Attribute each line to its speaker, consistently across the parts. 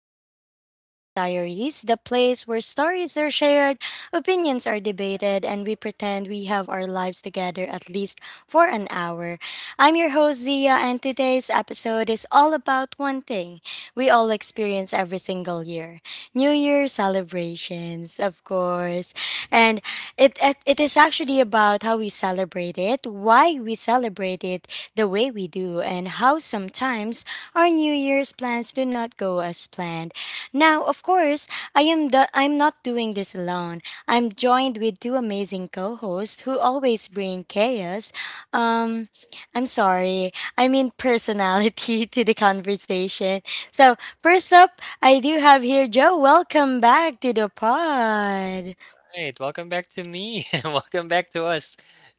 Speaker 1: back to Real Talk Diaries, the place where stories are shared, opinions are debated, and we pretend we have our lives together at least for an hour. I'm your host, Zia, and today's episode is all about one thing we all experience every single year: New Year celebrations, of course. And it is actually about how we celebrate it, why we celebrate it the way we do, and how sometimes our New Year's plans do not go as planned. Now, of course, I'm not doing this alone. I'm joined with two amazing co-hosts who always bring chaos. Um, I'm sorry, I mean personality to the conversation. So first up, I do have here Joe. Welcome back to the pod.
Speaker 2: Right. Welcome back to me and welcome back to us.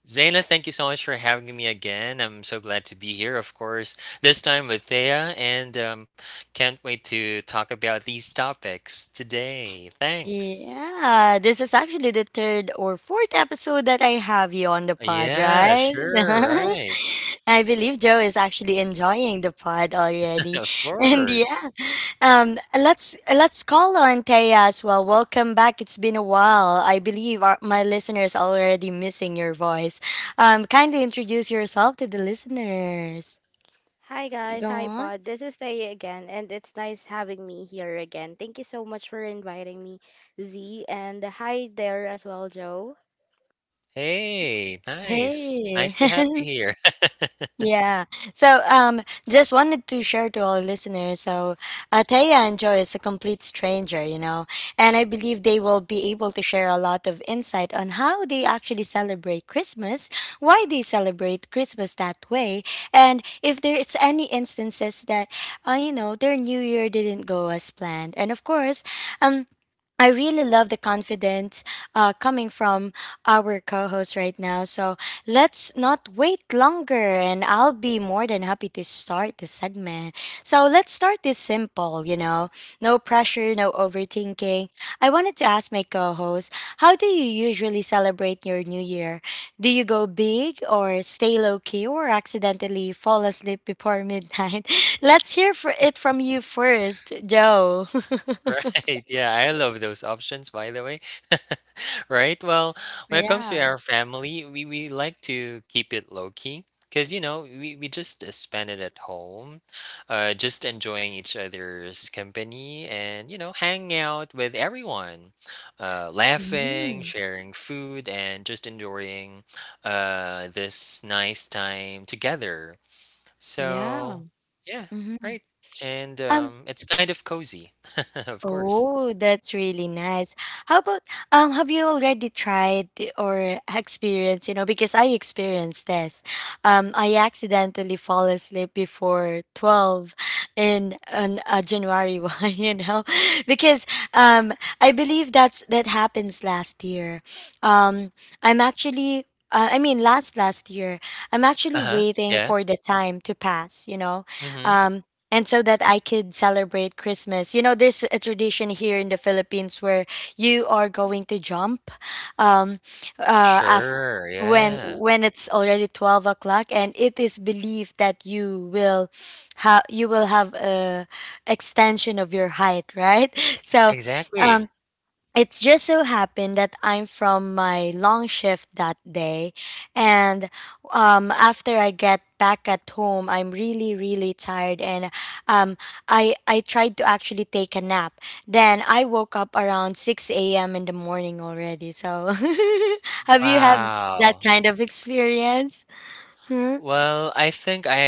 Speaker 2: Zaina, thank you so much for having me again. I'm so glad to be here, of course, this time with Thea, and can't wait to talk about these topics today. Thanks.
Speaker 1: Yeah, this is actually the third or fourth episode that I have you on the pod,
Speaker 2: Yeah,
Speaker 1: right?
Speaker 2: sure, right.
Speaker 1: I believe Joe is actually enjoying the pod already.
Speaker 2: Of
Speaker 1: And
Speaker 2: course.
Speaker 1: let's call on Taya as well. Welcome back. It's been a while. My listeners are already missing your voice. Kindly introduce yourself to the listeners.
Speaker 3: Hi guys,
Speaker 1: Go
Speaker 3: hi
Speaker 1: on.
Speaker 3: Pod. This is Thea again, and it's nice having me here again. Thank you so much for inviting me, Z, and hi there as well, Joe.
Speaker 2: Hey, nice.
Speaker 1: Hey.
Speaker 2: Nice to have you here.
Speaker 1: Yeah. So, um, just wanted to share to all listeners. So, Ateya and Joy is a complete stranger, you know, and I believe they will be able to share a lot of insight on how they actually celebrate Christmas, why they celebrate Christmas that way, and if there's any instances that, you know, their New Year didn't go as planned. And of course, um, I really love the confidence coming from our co host right now. So let's not wait longer, and I'll be more than happy to start the segment. So let's start this simple, you know, no pressure, no overthinking. I wanted to ask my co host, how do you usually celebrate your new year? Do you go big or stay low key or accidentally fall asleep before midnight? Let's hear for it from you first, Joe.
Speaker 2: Right. Yeah, I love those options, by the way. Right. Well, when it comes to
Speaker 1: Yeah.
Speaker 2: our family, we like to keep it low key because, you know, we just spend it at home, just enjoying each other's company and, you know, hanging out with everyone, laughing,
Speaker 1: Mhm.
Speaker 2: sharing food, and just enjoying this nice time together.
Speaker 1: Yeah.
Speaker 2: So, yeah,
Speaker 1: Mhm.
Speaker 2: right. And
Speaker 1: Um.
Speaker 2: it's kind of cozy, of course.
Speaker 1: Oh, that's really nice. How about Have you already tried or experienced? You know, because I experienced this. I accidentally fall asleep before 12 in on a January one. You know, because um, I believe that's that happens last year. Um, I'm actually. I mean, last year, I'm
Speaker 2: Uh
Speaker 1: actually
Speaker 2: huh.
Speaker 1: waiting
Speaker 2: Yeah.
Speaker 1: for the time to pass. You know,
Speaker 2: Mm-hmm.
Speaker 1: um, and so that I could celebrate Christmas. You know, there's a tradition here in the Philippines where you are going to jump um, uh, af-
Speaker 2: Sure.
Speaker 1: when
Speaker 2: Yeah.
Speaker 1: it's already 12 o'clock, and it is believed that you will have a extension of your height, right? So,
Speaker 2: Exactly.
Speaker 1: um, it just so happened that I'm from my long shift that day, and after I get back at home, I'm really tired, and um, I tried to actually take a nap. Then I woke up around six a.m. in the morning already. So, have you had that
Speaker 2: Wow.
Speaker 1: kind of experience? Hmm?
Speaker 2: Well, I think I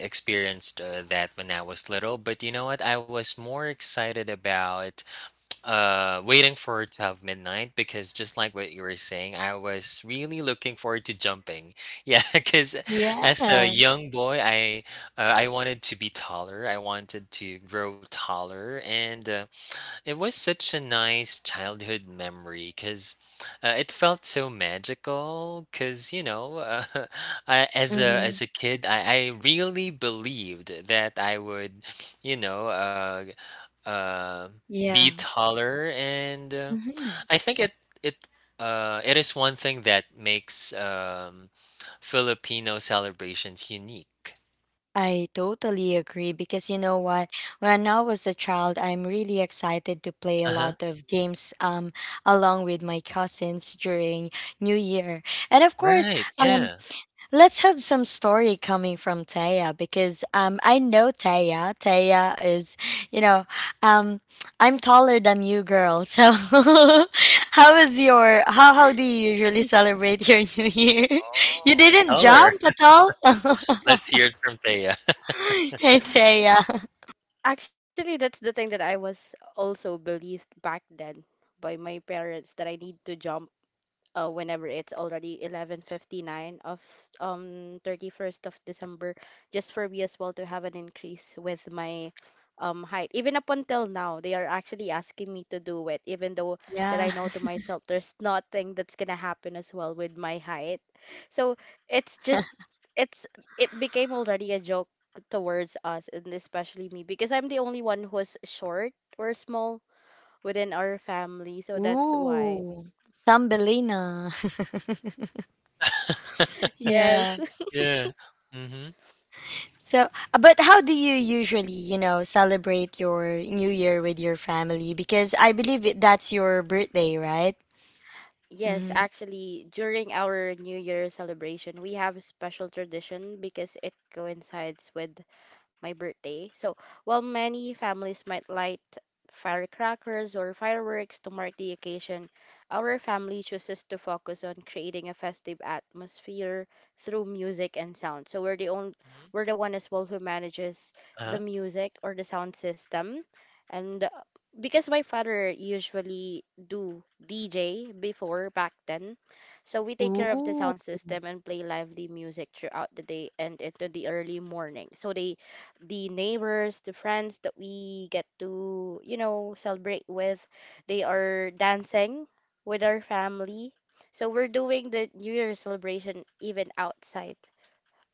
Speaker 2: experienced that when I was little, but you know what? I was more excited about waiting for 12 midnight because just like what you were saying, I was really looking forward to jumping, yeah, because as a
Speaker 1: Yeah.
Speaker 2: young boy, I wanted to be taller. I wanted to grow taller, and it was such a nice childhood memory because it felt so magical. Because you know, I,
Speaker 1: Mm-hmm.
Speaker 2: as a kid, I really believed that I would, you know, uh, be
Speaker 1: Yeah.
Speaker 2: taller, and
Speaker 1: Hmm.
Speaker 2: I think it it is one thing that makes Filipino celebrations unique.
Speaker 1: I totally agree because you know what? When I was a child, I'm really excited to play a
Speaker 2: Uh huh.
Speaker 1: lot of games along with my cousins during New Year. And of course,
Speaker 2: Right.
Speaker 1: um
Speaker 2: Yeah.
Speaker 1: let's have some story coming from Taya because I know Taya. You know, um I'm taller than you girl. So how is your how do you usually celebrate your New Year? You
Speaker 2: Oh,
Speaker 1: didn't
Speaker 2: taller.
Speaker 1: jump at all?
Speaker 2: Let's hear it from Thea.
Speaker 1: It's a, uh,
Speaker 3: Actually, that's the thing that I was also believed back then by my parents that I need to jump whenever it's already 11:59 of 31st of December, just for me as well to have an increase with my height. Even up until now, they are actually asking me to do it, even though that
Speaker 1: yeah.
Speaker 3: I know to myself there's nothing that's gonna happen as well with my height. So it's just it's it became already a joke towards us and especially me because I'm the only one who's short or small within our family, so that's why.
Speaker 1: Ooh, Thumbelina. Yeah.
Speaker 3: Yes.
Speaker 2: Yeah. Mhm,
Speaker 1: So, but how do you usually, you know, celebrate your New Year with your family? Because I believe that's your birthday, right?
Speaker 3: Yes,
Speaker 1: Mm-hmm.
Speaker 3: actually, during our New Year celebration, we have a special tradition because it coincides with my birthday. So, while many families might light firecrackers or fireworks to mark the occasion, our family chooses to focus on creating a festive atmosphere through music and sound. So,
Speaker 2: mhm.
Speaker 3: we're the one as well who manages the
Speaker 2: Uh-huh.
Speaker 3: music or the sound system. And Because my father usually do DJ before back then, so we take care of the
Speaker 1: Ooh.
Speaker 3: sound system and play lively music throughout the day and into the early morning. So the neighbors, the friends that we get to, celebrate with, they are dancing with our family. So we're doing the New Year celebration even outside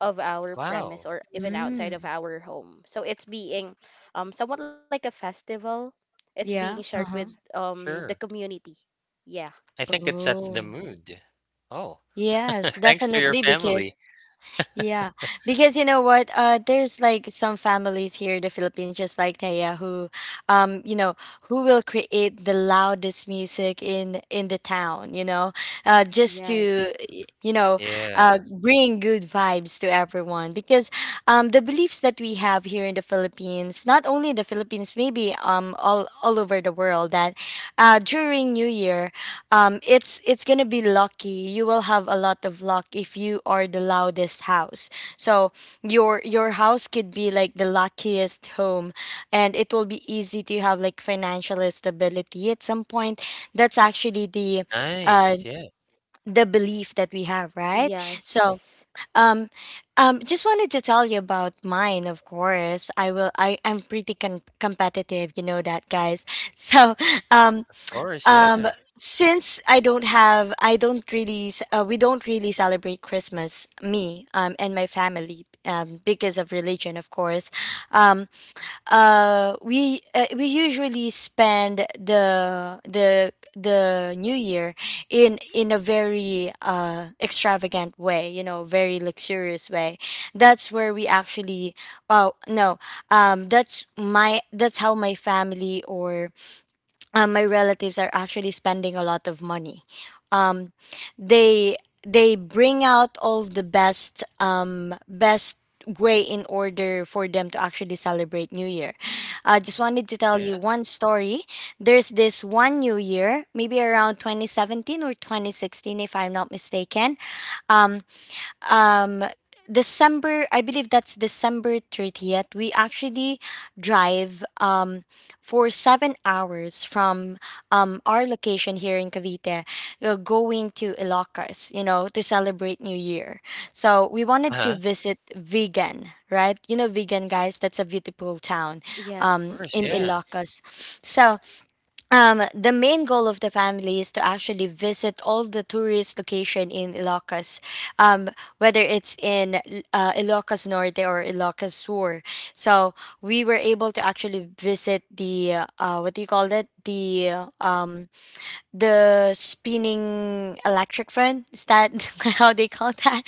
Speaker 3: of our
Speaker 2: Wow.
Speaker 3: premise or even outside
Speaker 1: Mm.
Speaker 3: of our home. So it's being somewhat like a festival. It's being
Speaker 1: Yeah.
Speaker 3: shared with
Speaker 1: Uh-huh.
Speaker 3: the
Speaker 2: Sure.
Speaker 3: community. Yeah.
Speaker 2: I think it sets the
Speaker 1: Oh.
Speaker 2: mood. Oh,
Speaker 1: Yes,
Speaker 2: thanks to your
Speaker 1: definitely. Because
Speaker 2: family.
Speaker 1: yeah, because you know what? There's like some families here in the Philippines, just like Taya, who, you know, who will create the loudest music in the town. You know, just
Speaker 3: Yes.
Speaker 1: to you know,
Speaker 2: Yeah.
Speaker 1: bring good vibes to everyone. Because the beliefs that we have here in the Philippines, not only in the Philippines, maybe all over the world, that during New Year it's gonna be lucky. You will have a lot of luck if you are the loudest house, so your house could be like the luckiest home, and it will be easy to have like financial stability at some point. That's actually uh
Speaker 2: Nice. Yeah.
Speaker 1: the belief that we have, right? So
Speaker 3: Yes.
Speaker 1: um just wanted to tell you about mine. Of course, I will I I'm pretty competitive, you know that guys. So um
Speaker 2: Of course.
Speaker 1: um
Speaker 2: Yeah.
Speaker 1: since I don't really s- we don't really celebrate christmas me and my family, because of religion, of course. um we usually spend the new year in a very extravagant way, you know, very luxurious way. That's where we actually well, no That's my that's how my family or my relatives are actually spending a lot of money. Um, they they bring out all the best best way in order for them to actually celebrate New Year. I just
Speaker 2: Mhm.
Speaker 1: wanted to tell
Speaker 2: Yeah.
Speaker 1: you one story. There's this one New Year, maybe around 2017 or 2016, if I'm not mistaken. Um, um, December, I believe that's December 30th. We actually drive for 7 hours from our location here in Cavite, going to Ilocos, you know, to celebrate New Year. So we wanted to
Speaker 2: Uh-huh.
Speaker 1: visit Vegan, right? You know, Vegan, guys, that's a beautiful town
Speaker 2: Of course.
Speaker 1: in
Speaker 3: Yes.
Speaker 2: Yeah.
Speaker 1: Ilocos. So the main goal of the family is to actually visit all the tourist location in Ilocos, um, whether it's in Ilocos Norte or Ilocos Sur. So we were able to actually visit the what do you call it? The spinning electric fan. Is that how they call that?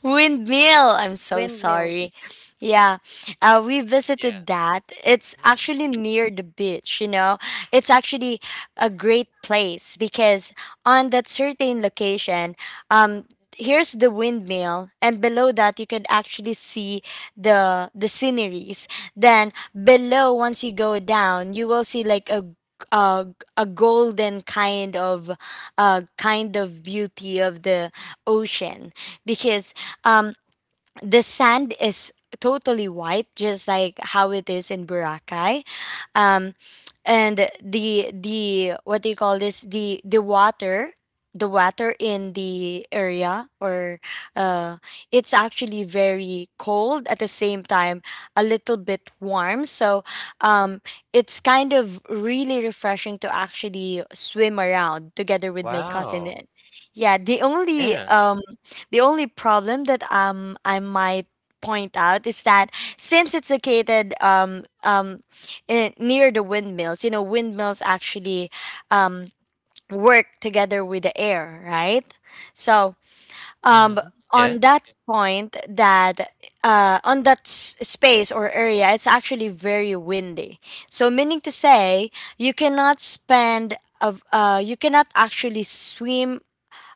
Speaker 1: Windmill. I'm so sorry.
Speaker 3: Windmills.
Speaker 1: Yeah, we
Speaker 2: Yeah.
Speaker 1: visited that. It's
Speaker 2: Mhm.
Speaker 1: actually near the beach, you know. It's actually a great place because on that certain location, um, here's the windmill and below that you can actually see the sceneries. Then below, once you go down, you will see like a, a golden kind of beauty of the ocean, because um the sand is totally white, just like how it is in Boracay. um and the what do you call this the water, the water in the area, or uh it's actually very cold at the same time, a little bit warm. So um it's kind of really refreshing to actually swim around together with my cousin.
Speaker 2: Wow.
Speaker 1: Yeah,
Speaker 2: Yeah.
Speaker 1: the only problem that I might point out is that since it's located near the windmills, you know, windmills actually um work together with the air, right? So um
Speaker 2: Mhm. Yeah.
Speaker 1: on that point that on that space or area, it's actually very windy. So meaning to say, you cannot spend of you cannot actually swim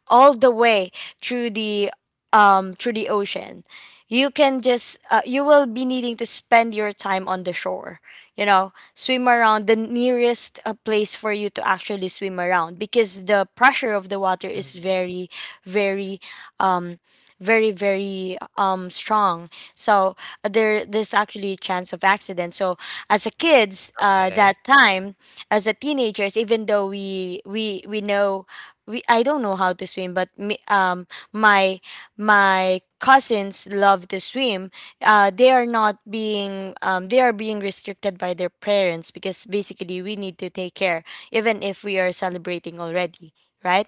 Speaker 1: all the way through the through the ocean. You can just you will be needing to spend your time on the shore, you know, swim around the nearest place for you to actually swim around, because the pressure of the water is
Speaker 2: Mhm.
Speaker 1: very very um very strong. So there's actually a chance of accident. So as a kids
Speaker 2: Okay.
Speaker 1: that time, as a teenagers, even though we know we I don't know how to swim, but me, my cousins love to swim. They are not being They are being restricted by their parents because basically we need to take care even if we are celebrating already, right?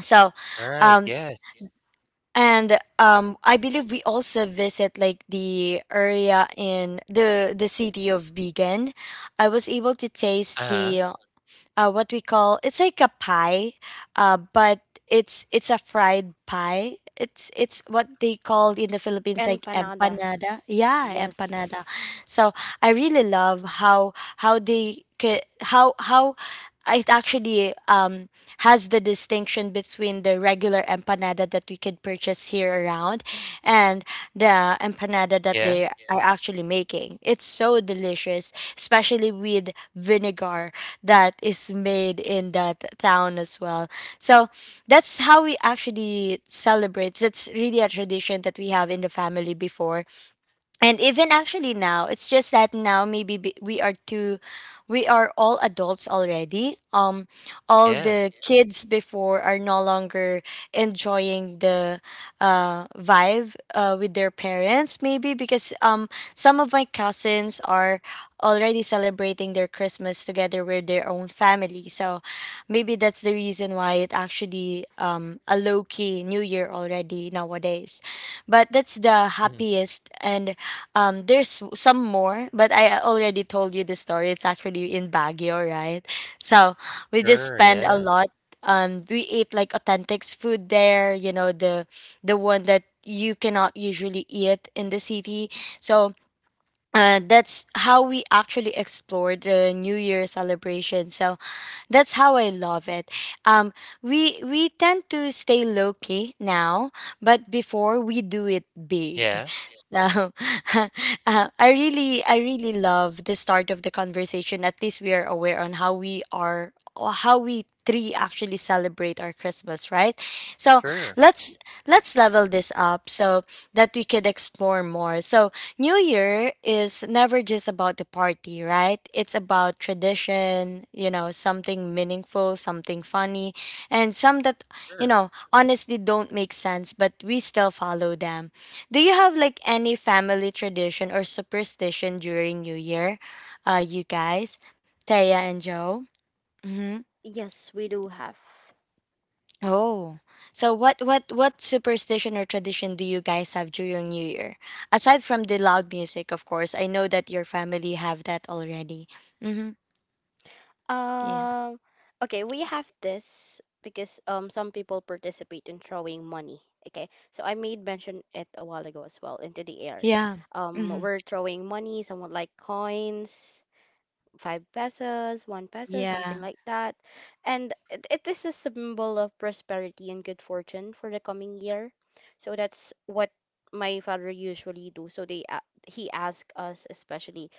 Speaker 1: So,
Speaker 2: Alright.
Speaker 1: um
Speaker 2: Yes.
Speaker 1: and I believe we also visit like the area in the city of Vegan. I was able to taste
Speaker 2: Uh-huh.
Speaker 1: the what we call it's like a pie, but it's a fried pie. It's what they called in the Philippines like
Speaker 3: Empanada.
Speaker 1: empanada. Yeah,
Speaker 3: Yes.
Speaker 1: empanada. So I really love how
Speaker 2: Mhm.
Speaker 1: they ca- how it actually has the distinction between the regular empanada that we could purchase here around and the empanada that
Speaker 2: Yeah.
Speaker 1: they are actually making. It's so delicious, especially with vinegar that is made in that town as well. So that's how we actually celebrate. That's really a tradition that we have in the family before and even actually now. It's just that now maybe we are too we are all adults already. All
Speaker 2: Yeah.
Speaker 1: the kids before are no longer enjoying the vibe with their parents, maybe because some of my cousins are already celebrating their christmas together with their own family. So maybe that's the reason why it actually a low key new year already nowadays. But that's the
Speaker 2: Mhm.
Speaker 1: happiest. And there's some more, but I already told you the story. It's actually in Baguio, right? So we just
Speaker 2: Sure.
Speaker 1: spend a
Speaker 2: Yeah.
Speaker 1: lot. We ate like authentic food there, the one that you cannot usually eat in the city. So that's how we actually explored the New Year celebration. So that's how I love it. Um, we tend to stay low key now, but before we do it big.
Speaker 2: Yeah.
Speaker 1: So I really love the start of the conversation. At least we are aware on how we are, or how we three actually celebrate our Christmas, right? So
Speaker 2: Sure.
Speaker 1: let's let's level this up so that we could explore more. So new year is never just about the party, right? It's about tradition, something meaningful, something funny, and some that
Speaker 2: Sure.
Speaker 1: honestly don't make sense, but we still follow them. Do you have like any family tradition or superstition during new year, you guys, Taya and Joe? Mm-hmm.
Speaker 3: Yes, we do have.
Speaker 1: Oh, so what superstition or tradition do you guys have during New Year? Aside from the loud music, of course. I know that your family have that already. Mm-hmm. Yeah.
Speaker 3: Um, okay, we have this because some people participate in throwing money. Okay, so I made mention it a while ago as well into the air.
Speaker 1: Yeah. Mm-hmm.
Speaker 3: We're throwing money, somewhat like coins, five pesos, one peso,
Speaker 1: Yeah.
Speaker 3: something like that, and it is a symbol of prosperity and good fortune for the coming year. So that's what my father usually do. So he asked us, especially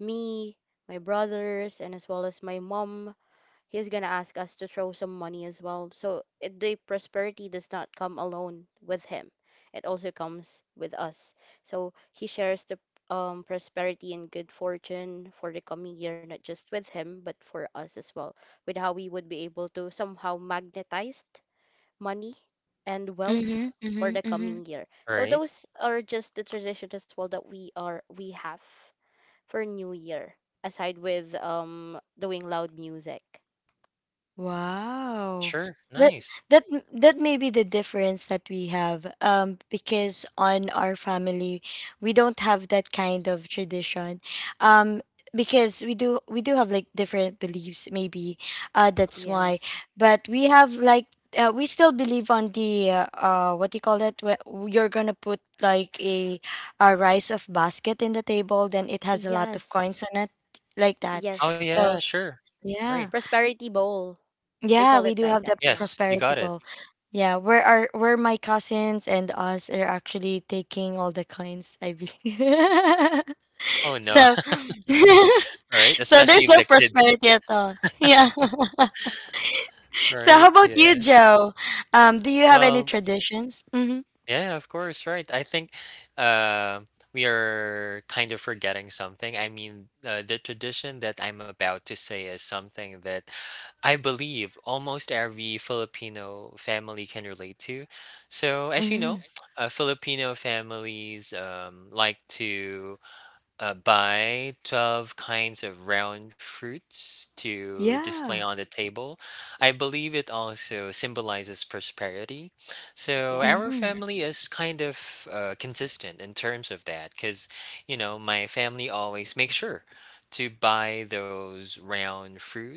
Speaker 3: me, my brothers, and as well as my mom. He's gonna ask us to throw some money as well. So the prosperity does not come alone with him. It also comes with us. So he shares the prosperity and good fortune for the coming year, not just with him, but for us as well, with how we would be able to somehow magnetize money and wealth
Speaker 1: Mm-hmm.
Speaker 3: for the
Speaker 1: Mm-hmm.
Speaker 3: coming year. So
Speaker 2: Alright.
Speaker 3: those are just the tradition as well that we have for New Year, aside with doing loud music.
Speaker 1: Wow.
Speaker 2: Sure.
Speaker 1: That
Speaker 2: Nice.
Speaker 1: that may be the difference that we have, um, because on our family we don't have that kind of tradition, um because we do have like different beliefs maybe, that's why.
Speaker 3: Yes.
Speaker 1: But we have like, we still believe on the what do you call that, where you're gonna put like a rice of basket in the table, then it has a lot of coins
Speaker 3: Yes.
Speaker 1: on it, like that.
Speaker 2: Oh,
Speaker 3: Yes.
Speaker 2: yeah.
Speaker 1: So
Speaker 2: Sure. Right.
Speaker 1: yeah.
Speaker 3: Prosperity Bowl. They
Speaker 1: Yeah, we
Speaker 3: call
Speaker 1: do
Speaker 3: it
Speaker 1: have
Speaker 3: like
Speaker 1: the
Speaker 3: that.
Speaker 2: Yes,
Speaker 3: Yeah.
Speaker 2: you
Speaker 1: prosperity
Speaker 2: got it.
Speaker 1: bowl. Yeah, where are where my cousins and us are actually taking all the coins, I believe.
Speaker 2: Oh, no.
Speaker 1: So
Speaker 2: Right?
Speaker 1: so there's
Speaker 2: Especially the
Speaker 1: no
Speaker 2: kids,
Speaker 1: prosperity at all. Yeah. So how
Speaker 2: right?
Speaker 1: about you,
Speaker 2: Yeah.
Speaker 1: Joe? Do you have any
Speaker 2: Well,
Speaker 1: traditions? Mm-hmm.
Speaker 2: yeah, of course, right. I think uh, we are kind of forgetting something. I mean, the tradition that I'm about to say is something that I believe almost every Filipino family can relate to. So, as you
Speaker 1: Mm-hmm.
Speaker 2: know, Filipino families like to buy 12 kinds of round fruits to display
Speaker 1: Yeah.
Speaker 2: on the table. I believe it also symbolizes prosperity. So our
Speaker 3: Yes.
Speaker 1: Mm-hmm.
Speaker 2: family is kind of consistent in terms of that because, you know, my family always makes sure to buy those round fruit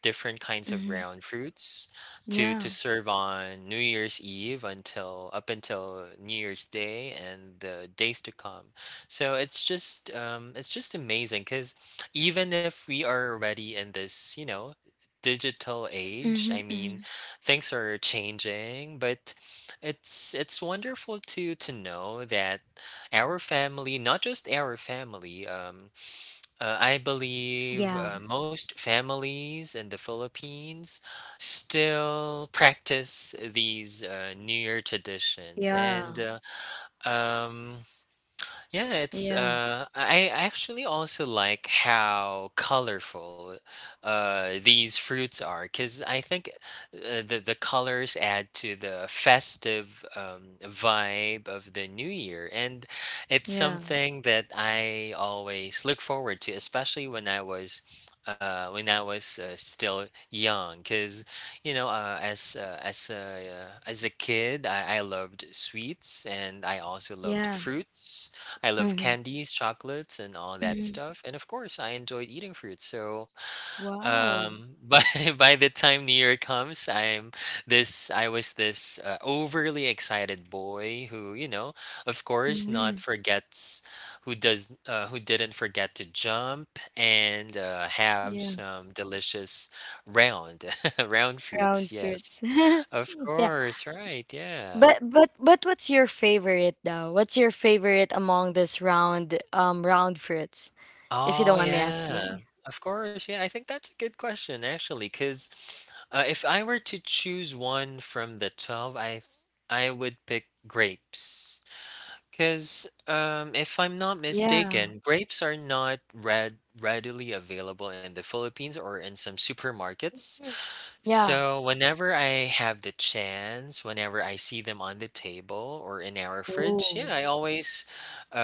Speaker 2: different kinds of
Speaker 1: Mm-hmm.
Speaker 2: round fruits to
Speaker 1: Yeah.
Speaker 2: serve on New Year's Eve until up until New Year's Day and the days to come. So it's just amazing because even if we are already in this, you know, digital age,
Speaker 1: Mm-hmm.
Speaker 2: I
Speaker 1: Mm-hmm.
Speaker 2: mean, things are changing, but it's wonderful to know that our family, not just our family, I believe
Speaker 1: Yeah.
Speaker 2: most families in the Philippines still practice these New Year traditions. And
Speaker 1: Yeah.
Speaker 2: um, yeah, it's
Speaker 1: Yeah.
Speaker 2: I actually also like how colorful these fruits are, 'cause I think the colors add to the festive vibe of the new year, and it's
Speaker 1: Yeah.
Speaker 2: something that I always look forward to, especially when I was still young, because you know, as a kid, I loved sweets and I also loved
Speaker 1: Yeah.
Speaker 2: fruits. I love
Speaker 1: Mm-hmm.
Speaker 2: candies, chocolates, and all that
Speaker 1: Mm-hmm.
Speaker 2: stuff. And of course, I enjoyed eating fruit. So,
Speaker 1: Wow.
Speaker 2: um, by by the time New Year comes, I was this overly excited boy who, you know, of course,
Speaker 1: Mm-hmm.
Speaker 2: not forgets who does who didn't forget to jump and have
Speaker 1: Yeah.
Speaker 2: some delicious round round fruits.
Speaker 1: Ground
Speaker 2: Yes,
Speaker 1: fruits.
Speaker 2: of
Speaker 1: Yeah.
Speaker 2: course, right? Yeah.
Speaker 1: But what's your favorite though? What's your favorite among this round round fruits, if you don't
Speaker 2: Oh,
Speaker 1: mind me
Speaker 2: yeah.
Speaker 1: asking?
Speaker 2: Of course. Yeah, I think that's a good question, actually, because if I were to choose one from the 12, I would pick grapes. Because if I'm not
Speaker 1: Yeah.
Speaker 2: mistaken, grapes are not red readily available in the Philippines or in some supermarkets.
Speaker 1: Mhm. Yeah.
Speaker 2: So, whenever I have the chance, whenever I see them on the table or in our fridge, yeah,
Speaker 1: Ooh.
Speaker 2: uh,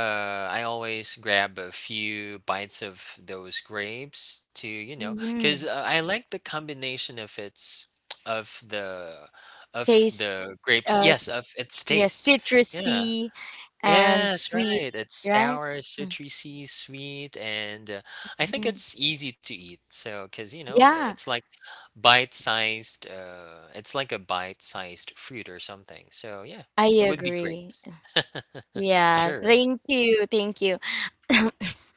Speaker 2: I always grab a few bites of those grapes to, you know, because
Speaker 1: Mm-hmm.
Speaker 2: I like the combination of of the,
Speaker 1: Taste
Speaker 2: the grapes.
Speaker 1: uh
Speaker 2: Yes,
Speaker 1: s-
Speaker 2: of its
Speaker 1: yeah,
Speaker 2: taste. Yeah.
Speaker 1: citrusy and
Speaker 2: Yes,
Speaker 1: sweet,
Speaker 2: right. It's
Speaker 1: right?
Speaker 2: sour, citrusy, sweet, and I think
Speaker 1: Mm-hmm.
Speaker 2: it's easy to eat. So, because you know,
Speaker 1: Yeah,
Speaker 2: it's like bite-sized. It's like a bite-sized fruit or something. So yeah,
Speaker 1: I
Speaker 2: it would be
Speaker 1: agree.
Speaker 2: grapes.
Speaker 1: Yeah,
Speaker 2: Sure.
Speaker 1: thank you. Thank you.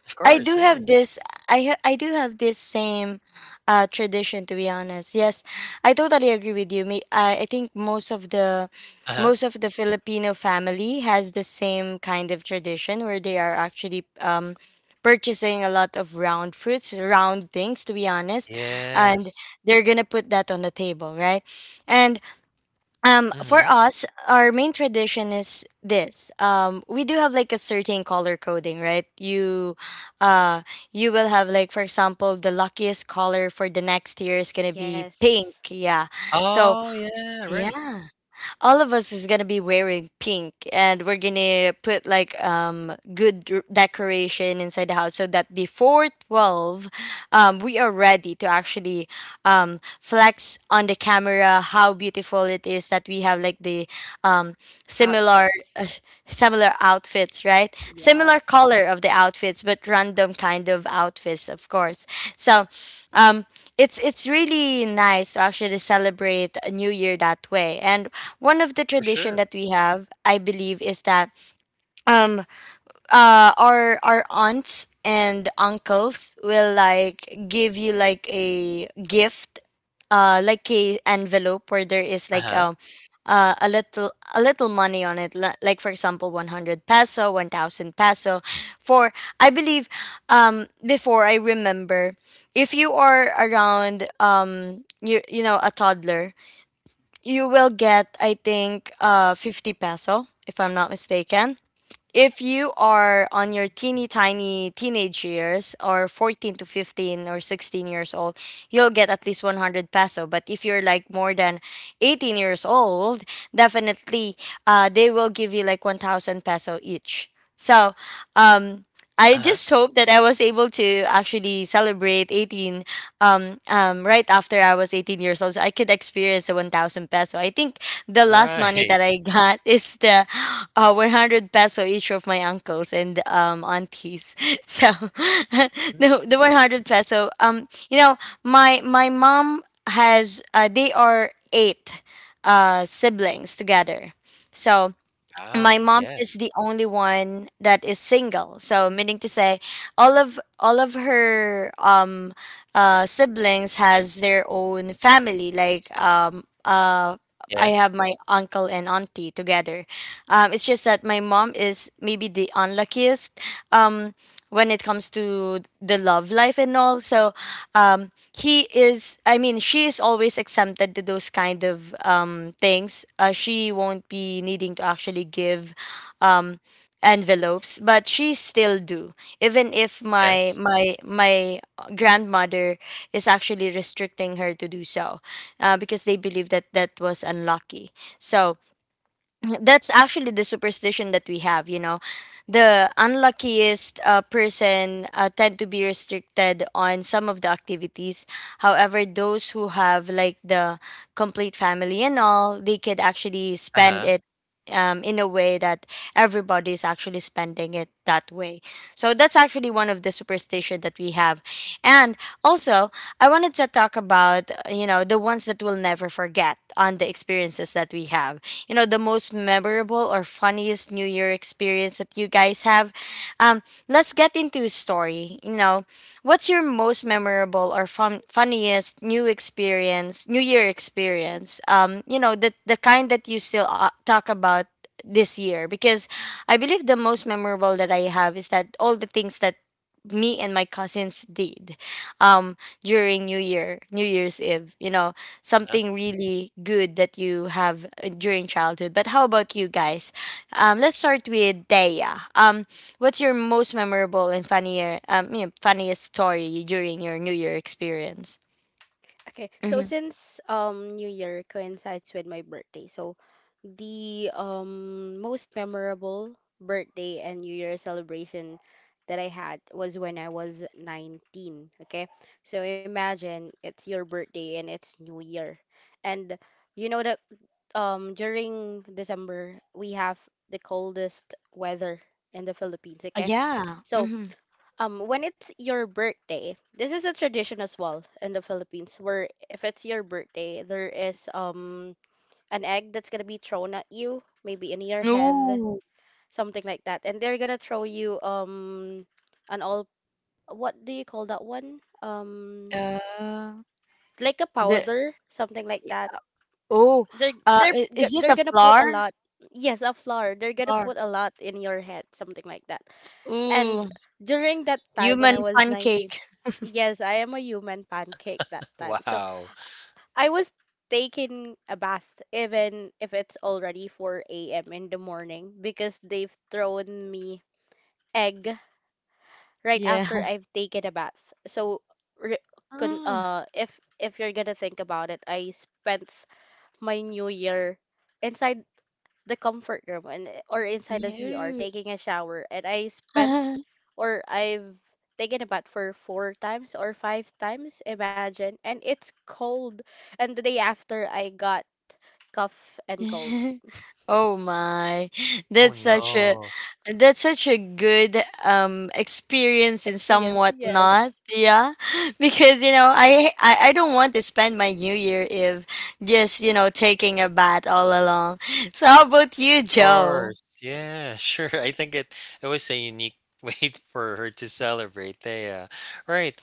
Speaker 2: Of
Speaker 1: I
Speaker 2: course,
Speaker 1: do
Speaker 2: yeah.
Speaker 1: have this. I do have this same tradition. To be honest, yes, I totally agree with you. Me, I think most of the
Speaker 2: Uh-huh.
Speaker 1: most of the Filipino family has the same kind of tradition where they are actually, purchasing a lot of round fruits, round things. To be honest. And
Speaker 2: Yes.
Speaker 1: they're gonna put that on the table, right? And, for
Speaker 2: Mhm.
Speaker 1: us, our main tradition is this. We do have like a certain color coding, right? Uh, you will have like, for example, the luckiest color for the next year is gonna be pink.
Speaker 3: Yes.
Speaker 1: Yeah. So
Speaker 2: Oh, yeah, right.
Speaker 1: yeah, all of us is gonna be wearing pink, and we're gonna put like good decoration inside the house so that before 12, we are ready to actually flex on the camera how beautiful it is that we have like the um similar uh,
Speaker 3: Outfits.
Speaker 1: similar outfits, right? Similar
Speaker 3: Yes.
Speaker 1: color of the outfits, but random kind of outfits, of course. So um it's really nice to actually celebrate a new year that way. And one of the
Speaker 2: For
Speaker 1: tradition
Speaker 2: sure.
Speaker 1: that we have, I believe, is that um our aunts and uncles will like give you like a gift, like a envelope where there is like
Speaker 2: Uh-huh.
Speaker 1: a little money on it, like, for example, 100 peso, 1,000 peso. For, I believe, before, I remember, if you are around, you you know a toddler, you will get, I think, 50 peso, if I'm not mistaken. If you are on your teeny tiny teenage years, or 14 to 15 or 16 years old, you'll get at least 100 peso. But if you're like more than 18 years old, definitely, they will give you like 1,000 peso each. So um I
Speaker 2: Uh-huh.
Speaker 1: just hope that I was able to actually celebrate 18, right after I was 18 years old, so I could experience the 1,000 peso. I think the last money
Speaker 2: Right.
Speaker 1: that I got is the 100 peso each of my uncles and, aunties. So
Speaker 2: Mm.
Speaker 1: the 100 peso. Um, you know, my mom has, they are 8 siblings together. So my
Speaker 2: Wow.
Speaker 1: mom
Speaker 2: Yeah.
Speaker 1: is the only one that is single, so meaning to say, all of her siblings has their own family. Like, I
Speaker 2: Yeah.
Speaker 1: have my uncle and auntie together. It's just that my mom is maybe the unluckiest, um, when it comes to the love life and all. So, um, he is. I mean, she is always exempted to those kind of, things. She won't be needing to actually give, Um, envelopes. But she still do, even if my
Speaker 2: Yes.
Speaker 1: my my grandmother is actually restricting her to do so, because they believe that that was unlucky. So that's actually the superstition that we have, you know. The unluckiest, person tend to be restricted on some of the activities. However, those who have like the complete family and all, they could actually
Speaker 2: Uh
Speaker 1: spend
Speaker 2: huh.
Speaker 1: it, in a way that everybody's actually spending it that way. So that's actually one of the superstition that we have. And also, I wanted to talk about, you know, the ones that we'll never forget on the experiences that we have. You know, the most memorable or funniest New Year experience that you guys have. Um, let's get into a story. You know, what's your most memorable or funniest new experience, New Year experience? You know, the kind that you still talk about this year. Because I believe the most memorable that I have is that all the things that me and my cousins did um during new year, new year's eve, you know,
Speaker 2: Uh-huh. Uh-huh.
Speaker 1: something really good that you have during childhood. But how about you guys? Let's start with Daya. What's your most memorable and funnier, you know, funniest story during your New Year experience?
Speaker 3: Okay. So
Speaker 1: Mm-hmm.
Speaker 3: since New Year coincides with my birthday, so the most memorable birthday and New Year celebration that I had was when I was 19, okay? So imagine it's your birthday and it's New Year. And you know that during December we have the coldest weather in the Philippines, okay?
Speaker 1: Yeah.
Speaker 3: So
Speaker 1: Mm-hmm.
Speaker 3: when it's your birthday, this is a tradition as well in the Philippines where if it's your birthday, there is an egg that's gonna be thrown at you, maybe in your head,
Speaker 1: No.
Speaker 3: something like that. And they're gonna throw you an all, what do you call that one?
Speaker 1: Uh,
Speaker 3: Like a
Speaker 1: the
Speaker 3: powder, something like that.
Speaker 1: Oh,
Speaker 3: They're they're
Speaker 1: I-
Speaker 3: g-
Speaker 1: is it
Speaker 3: they're
Speaker 1: a
Speaker 3: gonna put a
Speaker 1: flour?
Speaker 3: lot. Yes, a flour. They're gonna
Speaker 1: Flour.
Speaker 3: put a lot in your head, something like that. And
Speaker 1: Ooh,
Speaker 3: during that time when I
Speaker 1: human
Speaker 3: was 19,
Speaker 1: pancake.
Speaker 3: yes, I am a human pancake that time. So
Speaker 2: Wow.
Speaker 3: I was taking a bath even if it's already 4 a.m. in the morning because they've thrown me egg right
Speaker 1: Yeah.
Speaker 3: after I've taken a bath. So re-
Speaker 1: Ah,
Speaker 3: if you're gonna think about it, I spent my new year inside the comfort room and or inside the CR
Speaker 1: yeah.
Speaker 3: taking a shower and I spent or I've taken a bath for four times or five times, imagine. And it's cold and the day after I got cough and cold.
Speaker 1: Oh my.
Speaker 2: Oh
Speaker 1: That's such a,
Speaker 2: no.
Speaker 1: that's such a good experience and
Speaker 3: Experience,
Speaker 1: somewhat not.
Speaker 3: yes.
Speaker 1: Yeah. Because you know, I don't want to spend my new year if just, you know, taking a bath all along. So how about you,
Speaker 2: Of
Speaker 1: Joe?
Speaker 2: course. Yeah, sure. I think it was a unique way for her to celebrate. They right.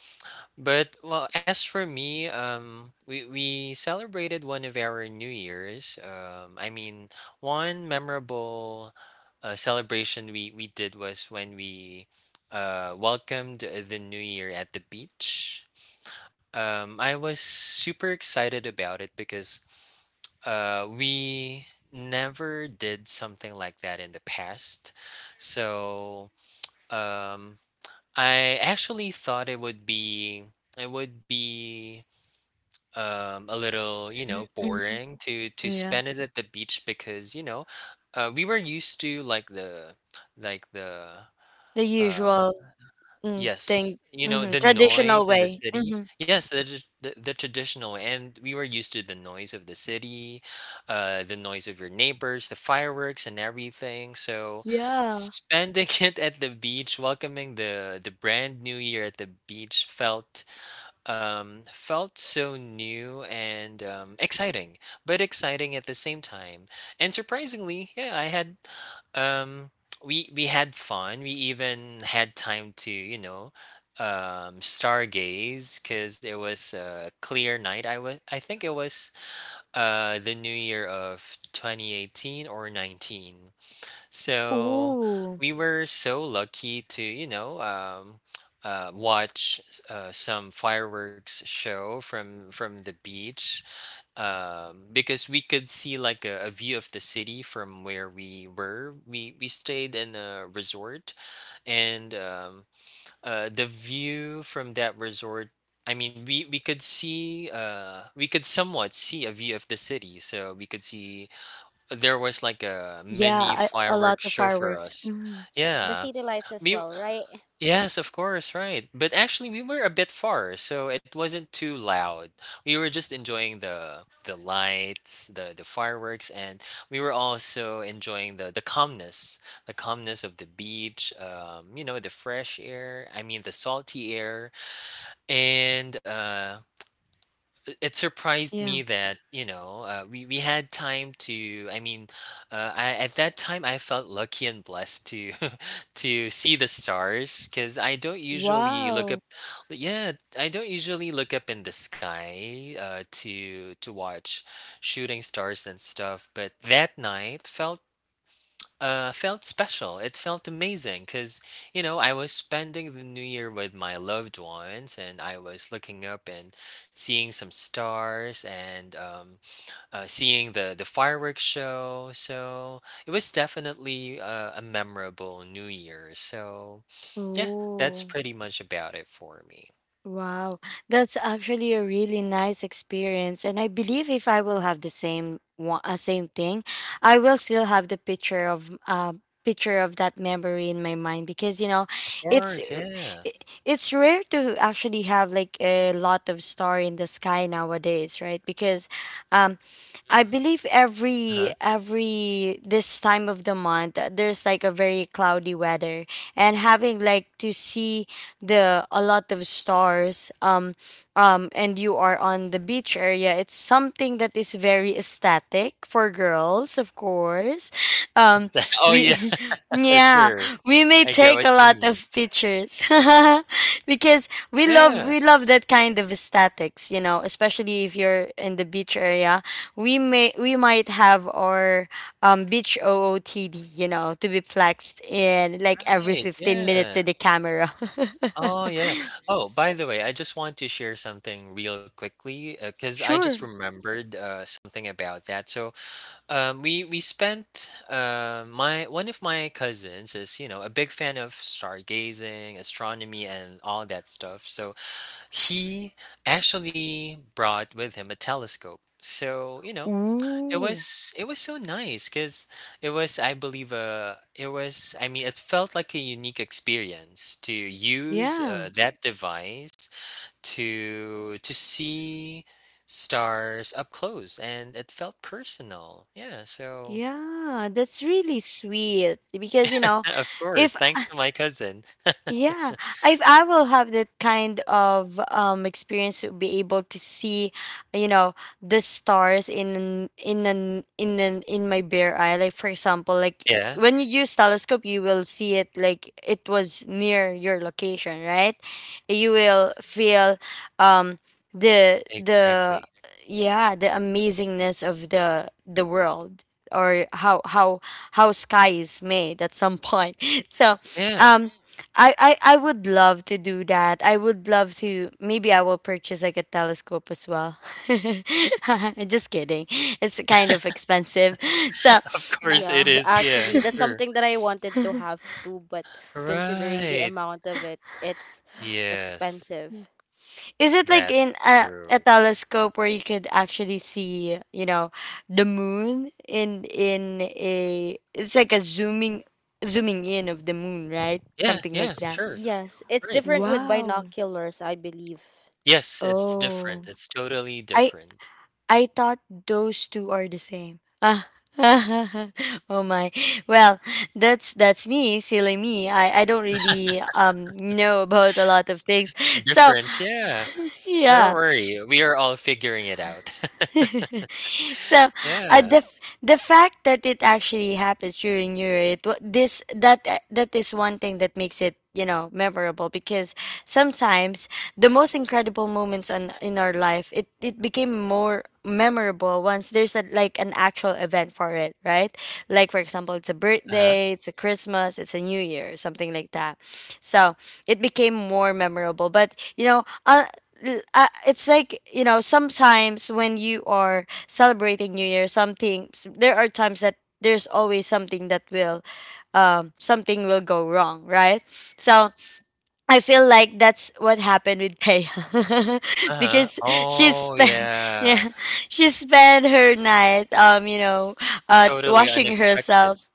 Speaker 2: But well, as for me, we celebrated one of our New Year's. I mean, one memorable celebration we did was when we welcomed the New Year at the beach. I was super excited about it because we never did something like that in the past. So um, I actually thought it would be it would be a little, you know,
Speaker 1: Mhm.
Speaker 2: boring to
Speaker 1: Yeah.
Speaker 2: spend it at the beach because you know, we were used to like the
Speaker 1: The
Speaker 2: um,
Speaker 1: usual
Speaker 2: yes,
Speaker 1: thing.
Speaker 2: you know,
Speaker 1: Hmm.
Speaker 2: the noise
Speaker 1: Traditional
Speaker 2: in the
Speaker 1: way.
Speaker 2: city.
Speaker 1: Hmm.
Speaker 2: Yes, the the traditional, and we were used to the noise of the city, the noise of your neighbors, the fireworks and everything. So,
Speaker 1: Yeah.
Speaker 2: spending it at the beach, welcoming the brand new year at the beach felt felt so new and exciting, but exciting at the same time. And surprisingly, yeah, I had um, we had fun. We even had time to, you know, stargaze because it was a clear night. I think it was the new year of 2018 or 19. So
Speaker 1: Ooh.
Speaker 2: we were so lucky to, you know, watch some fireworks show from the beach, because we could see like a view of the city from where we were. We stayed in a resort, and the view from that resort. I mean, we could see, we could somewhat see a view of the city. So we could see there was like a
Speaker 1: Yeah,
Speaker 2: mini
Speaker 1: I, a
Speaker 2: fireworks
Speaker 1: lot of
Speaker 2: show for
Speaker 1: fireworks.
Speaker 2: us.
Speaker 1: Mhm.
Speaker 3: The
Speaker 2: Yeah.
Speaker 3: city lights as
Speaker 2: We
Speaker 3: well, right?
Speaker 2: yes, of course, right. But actually we were a bit far, so it wasn't too loud. We were just enjoying the lights, the fireworks, and we were also enjoying the calmness, the calmness of the beach, you know, the fresh air, I mean the salty air, and it surprised me
Speaker 1: Yeah.
Speaker 2: that, you know, we had time to, I mean, I, at that time, I felt lucky and blessed to to see the stars because I don't usually look up.
Speaker 1: Wow.
Speaker 2: Yeah, I don't usually look up in the sky, to watch shooting stars and stuff, but that night felt felt special. It felt amazing because, you know, I was spending the new year with my loved ones, and I was looking up and seeing some stars, and seeing the fireworks show. So it was definitely a memorable new year. So yeah, that's
Speaker 1: Oh,
Speaker 2: pretty much about it for me.
Speaker 1: wow. That's actually a really nice experience. And I believe if I will have the same one, same thing, I will still have the picture of, picture of that memory in my mind. Because you know,
Speaker 2: Of
Speaker 1: it's
Speaker 2: course,
Speaker 1: r-
Speaker 2: yeah.
Speaker 1: i- it's rare to actually have like a lot of star in the sky nowadays, right? Because um I
Speaker 2: Hmm.
Speaker 1: believe
Speaker 2: Uh-huh.
Speaker 1: every this time of the month, there's like a very cloudy weather, and having like to see the a lot of stars, and you are on the beach area, it's something that is very aesthetic for girls, of course. um
Speaker 2: Oh, yeah.
Speaker 1: we yeah,
Speaker 2: Sure,
Speaker 1: we may
Speaker 2: I get
Speaker 1: take
Speaker 2: what
Speaker 1: a
Speaker 2: you
Speaker 1: lot
Speaker 2: mean.
Speaker 1: of pictures because we love
Speaker 2: Yeah,
Speaker 1: we love that kind of aesthetics, you know, especially if you're in the beach area. We may, we might have our beach OOTD, you know, to be flexed in like every
Speaker 2: right,
Speaker 1: 15 minutes
Speaker 2: yeah.
Speaker 1: in the camera.
Speaker 2: Oh, yeah. Oh, by the way, I just want to share something real quickly because I just
Speaker 1: Sure.
Speaker 2: remembered something about that. So, we spent my one of my cousins is, you know, a big fan of stargazing, astronomy, and all that stuff. So he actually brought with him a telescope. So, you know, it
Speaker 1: Ooh.
Speaker 2: was it was so nice because it was I believe it was, I mean, it felt like a unique experience to use
Speaker 1: Yeah.
Speaker 2: that device to see stars up close, and it felt personal. Yeah, so
Speaker 1: Yeah, that's really sweet. Because you know,
Speaker 2: of
Speaker 1: if,
Speaker 2: course, thanks to my cousin.
Speaker 1: yeah, if I will have that kind of experience to be able to see, you know, the stars in an, in my bare eye. Like for example, like
Speaker 2: Yeah,
Speaker 1: when you use telescope, you will see it like it was near your location, right? You will feel um the,
Speaker 2: exactly.
Speaker 1: yeah, the amazingness of the world, or how sky is made at some point. So
Speaker 2: Yeah,
Speaker 1: um I would love to do that. I would love to. Maybe I will purchase like a telescope as well. Just kidding. It's kind of expensive. So,
Speaker 2: of
Speaker 1: uh,
Speaker 2: course it
Speaker 3: Yeah,
Speaker 2: is. Yeah,
Speaker 3: actually, that's
Speaker 2: sure.
Speaker 3: something that I wanted to have too, but considering the
Speaker 2: Right.
Speaker 3: amount of it, it's
Speaker 2: Yes,
Speaker 3: expensive.
Speaker 1: is it like in
Speaker 2: that's
Speaker 1: a
Speaker 2: true.
Speaker 1: telescope where you could actually see, you know, the moon in a, it's like a zooming, in of the moon, right?
Speaker 2: Yeah,
Speaker 1: Something like
Speaker 2: yeah,
Speaker 1: that.
Speaker 2: sure.
Speaker 3: Yes, it's
Speaker 2: Right.
Speaker 3: different with
Speaker 1: Wow.
Speaker 3: binoculars, I believe.
Speaker 2: Yes, it's different.
Speaker 1: Oh.
Speaker 2: It's totally
Speaker 1: I
Speaker 2: different.
Speaker 1: I thought those two are the same. Ah. Oh my. Well, that's me, silly me. I don't really know about a lot of things. So,
Speaker 2: Difference, yeah. Don't
Speaker 1: yeah.
Speaker 2: worry, we are all figuring it out.
Speaker 1: So uh,
Speaker 2: Yeah.
Speaker 1: the f- the fact that it actually happens during your it wa- this that that is one thing that makes it, you know, memorable. Because sometimes the most incredible moments on in our life, it became more memorable once there's a like an actual event for it, right? Like for example, it's a
Speaker 2: Uh-huh,
Speaker 1: birthday, it's a Christmas, it's a New Year, something like that. So it became more memorable. But you know, it's like, you know, sometimes when you are celebrating New Year, there are times that there's always something that will something will go wrong, right? So I feel like that's what happened with Pay.
Speaker 2: uh-huh.
Speaker 1: Because she
Speaker 2: Oh,
Speaker 1: spent,
Speaker 2: yeah.
Speaker 1: yeah, she spent her night
Speaker 2: Totally
Speaker 1: washing
Speaker 2: unexpected.
Speaker 1: herself.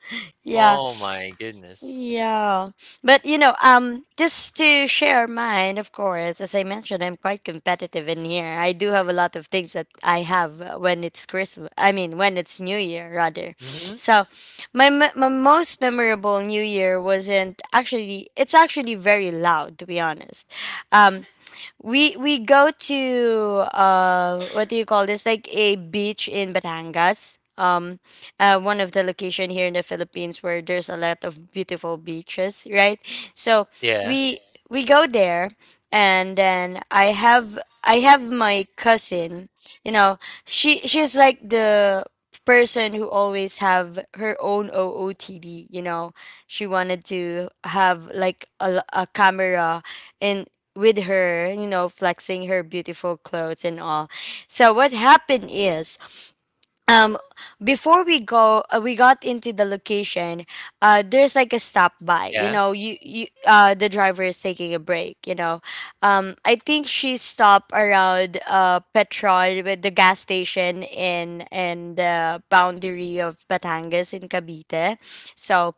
Speaker 1: Yeah,
Speaker 2: Oh my goodness.
Speaker 1: yeah. But you know, just to share mine, of course, as I mentioned, I'm quite competitive in here. I do have a lot of things that I have, when it's Christmas. I mean, when it's New Year rather.
Speaker 2: Mhm.
Speaker 1: So, my most memorable New Year wasn't actually it's actually very loud, to be honest. Um we go to, what do you call this? Like a beach in Batangas. One of the location here in the Philippines, where there's a lot of beautiful beaches, right? So
Speaker 2: Yeah,
Speaker 1: we we go there, and then I have my cousin. You know, she's like the person who always have her own OOTD. You know, she wanted to have like a camera, in with her, you know, flexing her beautiful clothes and all. So what happened is, um, before we go, we got into the location. There's like a stop by. You
Speaker 2: yeah.
Speaker 1: know, you the driver is taking a break. You know, I think she stopped around Petron, with the gas station in the boundary of Batangas in Cavite. So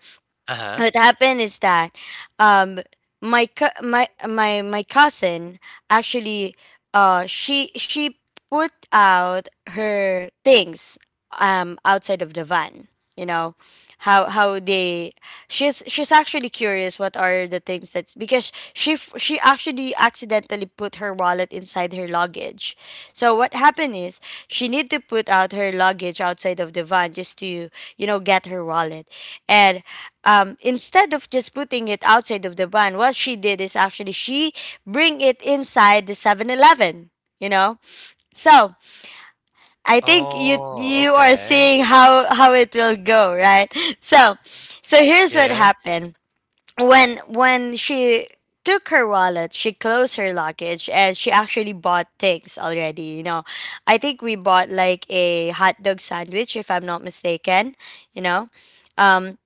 Speaker 2: Uh-huh.
Speaker 1: what happened is that, um my co- my cousin actually, she put out her things outside of the van. You know, how they she's actually curious what are the things that's, because she actually accidentally put her wallet inside her luggage. So what happened is, she need to put out her luggage outside of the van, just to, you know, get her wallet. And, instead of just putting it outside of the van, what she did is actually she bring it inside the 7-Eleven. You know, so I think you
Speaker 2: Oh,
Speaker 1: you are
Speaker 2: okay.
Speaker 1: seeing how it will go, right? So so here's what
Speaker 2: Yeah,
Speaker 1: happened. When she took her wallet, she closed her luggage, and she actually bought things already, you know. I think we bought like a hot dog sandwich, if I'm not mistaken, you know. Um,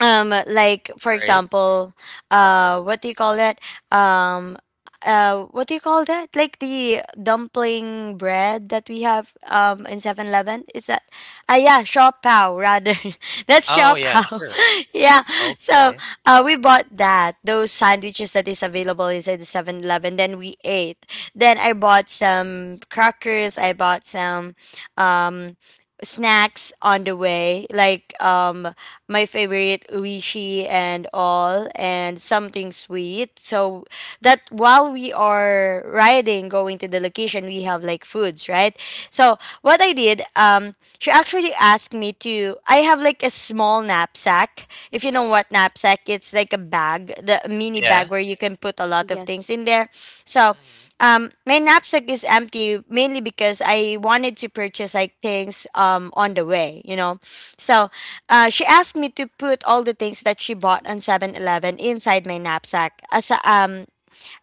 Speaker 1: like for
Speaker 2: great.
Speaker 1: example, what do you call that, um what do you call that, like the dumpling bread that we have in 7-Eleven? Is that, yeah, shaw pao rather. That's shaw
Speaker 2: Oh, yeah,
Speaker 1: pao.
Speaker 2: sure.
Speaker 1: Yeah. So,
Speaker 2: Okay.
Speaker 1: we bought that those sandwiches that is available inside the 7-Eleven. Then we ate, then I bought some crackers, I bought some um snacks on the way, like, my favorite uishi and all, and something sweet. So, that while we are riding, going to the location, we have like foods, right? So what I did, she actually asked me to. I have like a small knapsack. If you know what knapsack, it's like a bag, the a mini bag
Speaker 2: Yeah.
Speaker 1: where you can put a lot of things
Speaker 3: Yes.
Speaker 1: in there. So,
Speaker 2: Mhm.
Speaker 1: my knapsack is empty, mainly because I wanted to purchase like things, on the way, you know. So, she asked me to put all the things that she bought on 7-Eleven inside my knapsack. As,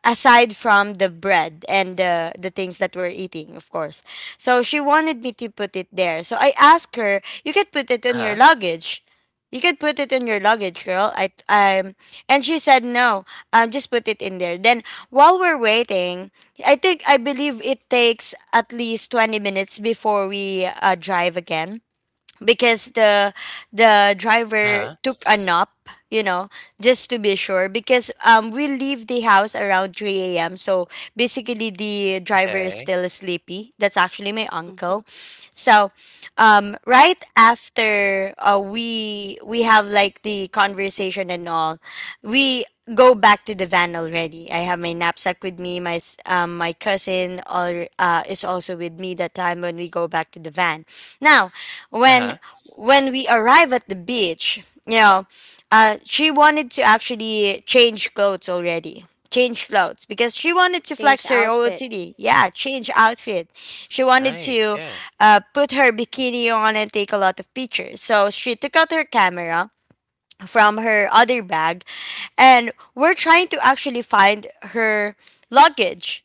Speaker 1: aside from the bread and the things that we're eating, of course. So she wanted me to put it there. So I asked her, "You could put it on your
Speaker 2: Uh-huh,
Speaker 1: luggage. You could put it in your luggage, girl." I And she said no. Just put it in there. Then, while we're waiting, I believe it takes at least 20 minutes before we, drive again. Because the driver
Speaker 2: uh-huh.
Speaker 1: took a nap, you know, just to be sure. Because we leave the house around 3 a.m. so basically the driver is
Speaker 2: Okay.
Speaker 1: still sleepy. That's actually my
Speaker 3: Mm-hmm.
Speaker 1: uncle. So, right after, we have like the conversation and all, we go back to the van already. I have my knapsack with me, my cousin is also with me that time, when we go back to the van. Now, when
Speaker 2: Uh-huh.
Speaker 1: when we arrive at the beach, you know, she wanted to actually change clothes already. Change clothes because she wanted to
Speaker 3: Change
Speaker 1: flex her
Speaker 3: outfit.
Speaker 1: OOTD. Yeah, change outfit. She wanted
Speaker 2: Nice,
Speaker 1: to,
Speaker 2: yeah.
Speaker 1: put her bikini on and take a lot of pictures. So she took out her camera from her other bag, and we're trying to actually find her luggage.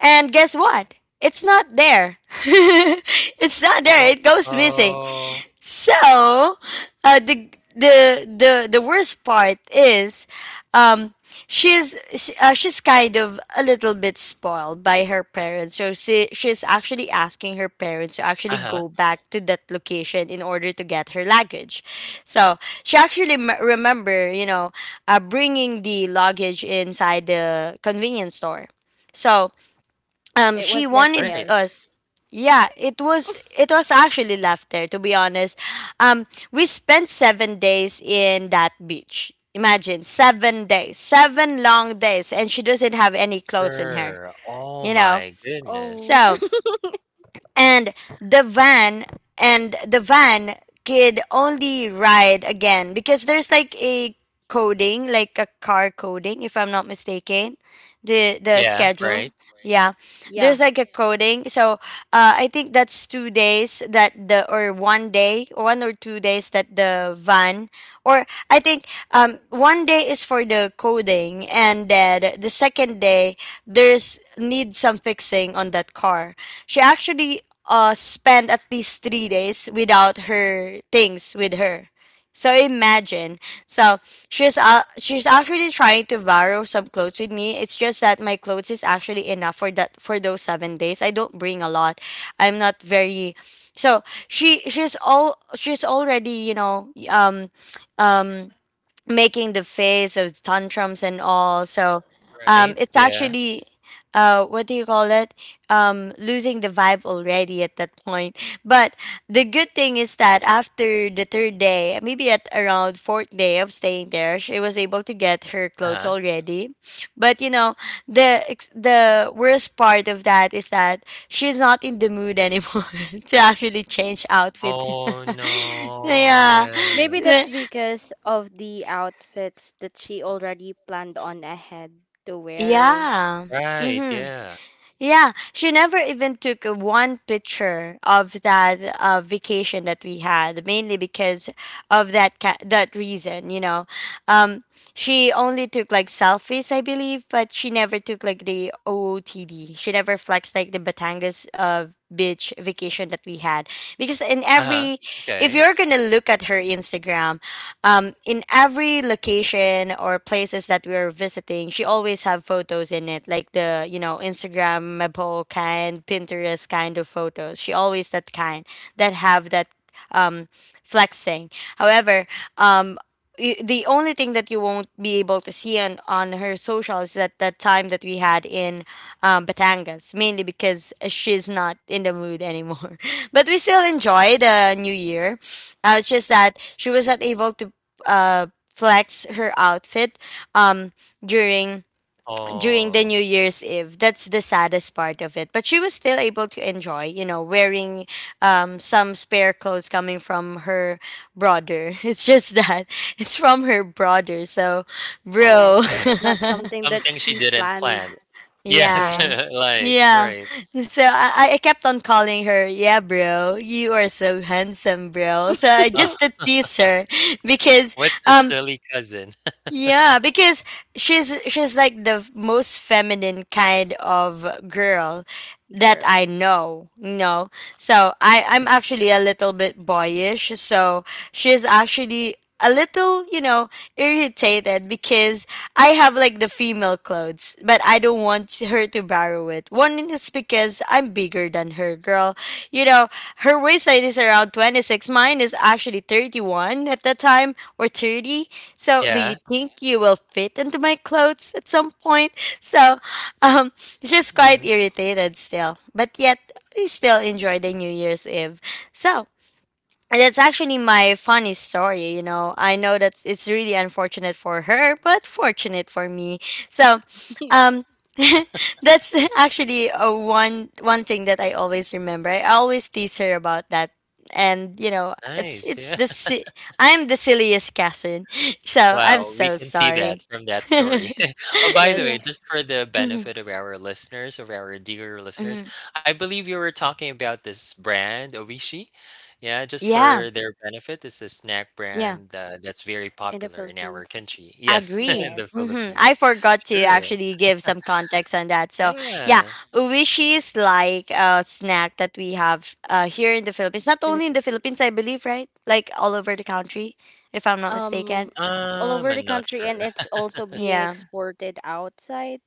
Speaker 1: And guess what? It's not there. It's not there.
Speaker 2: Oh,
Speaker 1: It goes missing.
Speaker 2: oh.
Speaker 1: So, uh, the the worst part is, um, she's kind of a little bit spoiled by her parents. So, she's actually asking her parents to actually
Speaker 2: Uh-huh.
Speaker 1: go back to that location in order to get her luggage. So she actually, remember, you know, bringing the luggage inside the convenience store. So,
Speaker 3: It
Speaker 1: she
Speaker 3: was left
Speaker 1: wanted
Speaker 2: Great.
Speaker 3: there.
Speaker 1: us. Yeah, it was, actually laughter, to be honest. um we spent 7 days in that beach. Imagine, 7 days, seven long days, and she doesn't have any clothes on her,
Speaker 2: Sure. Oh
Speaker 1: you know.
Speaker 2: my goodness.
Speaker 3: Oh.
Speaker 1: So, and the van and the van could only ride again, because there's like a coding, like a car coding, if I'm not mistaken, the
Speaker 2: Yeah, right,
Speaker 1: schedule. Yeah,
Speaker 3: Yeah.
Speaker 1: there's like a coding. So, I think that's 2 days that the or one day, one or two days that the van, or I think one day is for the coding, and then the second day, there's need some fixing on that car. She actually, spent at least 3 days without her things with her. So, imagine. So she's actually trying to borrow some clothes with me. It's just that my clothes is actually enough for that for those 7 days. I don't bring a lot. I'm not very. So she's already, you know, um making the face of tantrums and all. So,
Speaker 2: right,
Speaker 1: it's
Speaker 2: yeah,
Speaker 1: actually, what do you call it? Losing the vibe already at that point. But the good thing is that, after the third day, maybe at around fourth day of staying there, she was able to get her clothes
Speaker 2: uh-huh.
Speaker 1: already. But you know, the worst part of that is that she's not in the mood anymore to actually change outfit.
Speaker 2: Oh no,
Speaker 1: Yeah.
Speaker 2: yeah,
Speaker 3: Maybe that's because of the outfits that she already planned on ahead to wear.
Speaker 1: Yeah.
Speaker 2: right,
Speaker 1: Mm-hmm.
Speaker 2: yeah,
Speaker 1: Yeah. She never even took a one picture of that, vacation that we had, mainly because of that reason, you know. Um, she only took like selfies, I believe, but she never took like the OOTD. She never flexed like the Batangas, beach vacation that we had. Because in
Speaker 2: uh-huh,
Speaker 1: every — if
Speaker 2: okay.
Speaker 1: you're gonna look at her Instagram, in every location or places that we are visiting, she always have photos in it, like the Instagrammable kind, Pinterest kind of photos. She always that kind that have that, um, flexing. However, um, the only thing that you won't be able to see on, her social is that that time that we had in, Batangas, mainly because she's not in the mood anymore. But we still enjoy the New Year. It's just that she was not able to, uh, flex her outfit, um, during the
Speaker 2: Oh,
Speaker 1: New Year's Eve. That's the saddest part of it. But she was still able to enjoy, you know, wearing, some spare clothes coming from her brother. It's just that it's from her brother. So, bro.
Speaker 2: oh,
Speaker 3: Yes, it's not something that
Speaker 2: something she
Speaker 3: she
Speaker 2: didn't plan.
Speaker 3: planned.
Speaker 2: Yes,
Speaker 1: Yeah.
Speaker 3: Yes.
Speaker 2: like,
Speaker 1: Yeah.
Speaker 2: right.
Speaker 1: So, I kept on calling her, yeah, bro, you are so handsome, bro. So I
Speaker 2: Oh,
Speaker 1: just to tease her because
Speaker 2: what a
Speaker 1: um
Speaker 2: silly cousin.
Speaker 1: yeah, because she's like the, most feminine kind of girl that
Speaker 3: Girl.
Speaker 1: I know, you know. So, I'm actually a little bit boyish. So she's actually a little, you know, irritated, because I have like the female clothes, but I don't want her to borrow it. One is because I'm bigger than her, girl. You know, her waist height is around 26. Mine is actually 31 at that time, or 30. So do you
Speaker 2: Yeah,
Speaker 1: think you will fit into my clothes at some point? So
Speaker 2: it
Speaker 1: um she's quite
Speaker 2: mhm,
Speaker 1: irritated still but yet we still enjoy the new year's eve. so and that's actually my funny story, you know. I know that it's really unfortunate for her but fortunate for me. so um that's actually a one one thing that I always remember. I always tease her about that. And you know, it's
Speaker 2: nice,
Speaker 1: it's
Speaker 2: yeah.
Speaker 1: the I'm the silliest cousin so I'm
Speaker 2: Wow, we
Speaker 1: so
Speaker 2: can see that
Speaker 1: sorry.
Speaker 2: from that story. Oh, by the
Speaker 3: Yes,
Speaker 2: way,
Speaker 1: Yeah.
Speaker 2: just for the
Speaker 1: Mhm,
Speaker 2: benefit of our listeners, of our dear listeners,
Speaker 1: mhm.
Speaker 2: I believe you were talking about this brand, Oishi. Yeah, just
Speaker 1: Yeah.
Speaker 2: for their benefit, it's a snack
Speaker 1: Yeah.
Speaker 2: brand that's very
Speaker 3: in the
Speaker 2: popular in our
Speaker 3: Philippines.
Speaker 2: country. Yes, in
Speaker 1: Agree.
Speaker 2: the
Speaker 3: Yes,
Speaker 1: I
Speaker 2: Philippines.
Speaker 1: forgot to
Speaker 2: Sure.
Speaker 1: actually give some context on that. So yeah,
Speaker 2: Yeah.
Speaker 1: uwishi is like a snack that we have here in the Philippines. Not
Speaker 3: in the
Speaker 1: only in the
Speaker 3: Philippines.
Speaker 1: Philippines, I believe, right? Like all over the country, if I'm not
Speaker 3: Um,
Speaker 1: mistaken.
Speaker 3: all over the
Speaker 2: I'm not
Speaker 3: country,
Speaker 2: sure.
Speaker 3: and it's also being
Speaker 1: Yeah.
Speaker 3: exported outside,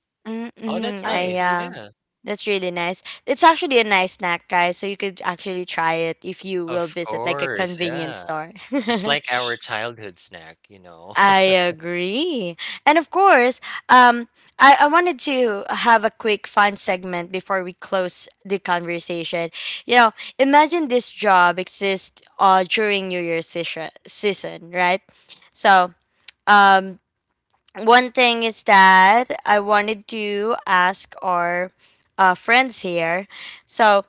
Speaker 2: Oh, that's
Speaker 1: Mm-hmm.
Speaker 3: I
Speaker 1: I
Speaker 2: nice.
Speaker 3: believe.
Speaker 2: Yeah.
Speaker 1: That's really nice. It's actually a nice snack, guys. So you could actually try it if you will
Speaker 2: Of
Speaker 1: visit like a
Speaker 2: course.
Speaker 1: convenience
Speaker 2: Yeah.
Speaker 1: store.
Speaker 2: It's like our childhood snack,
Speaker 1: I agree. And of course, um, I wanted to have a quick fun segment before we close the conversation. You know, imagine this job exists during New Year's season, season, right? So, um, One thing is that I wanted to ask our friends here. So,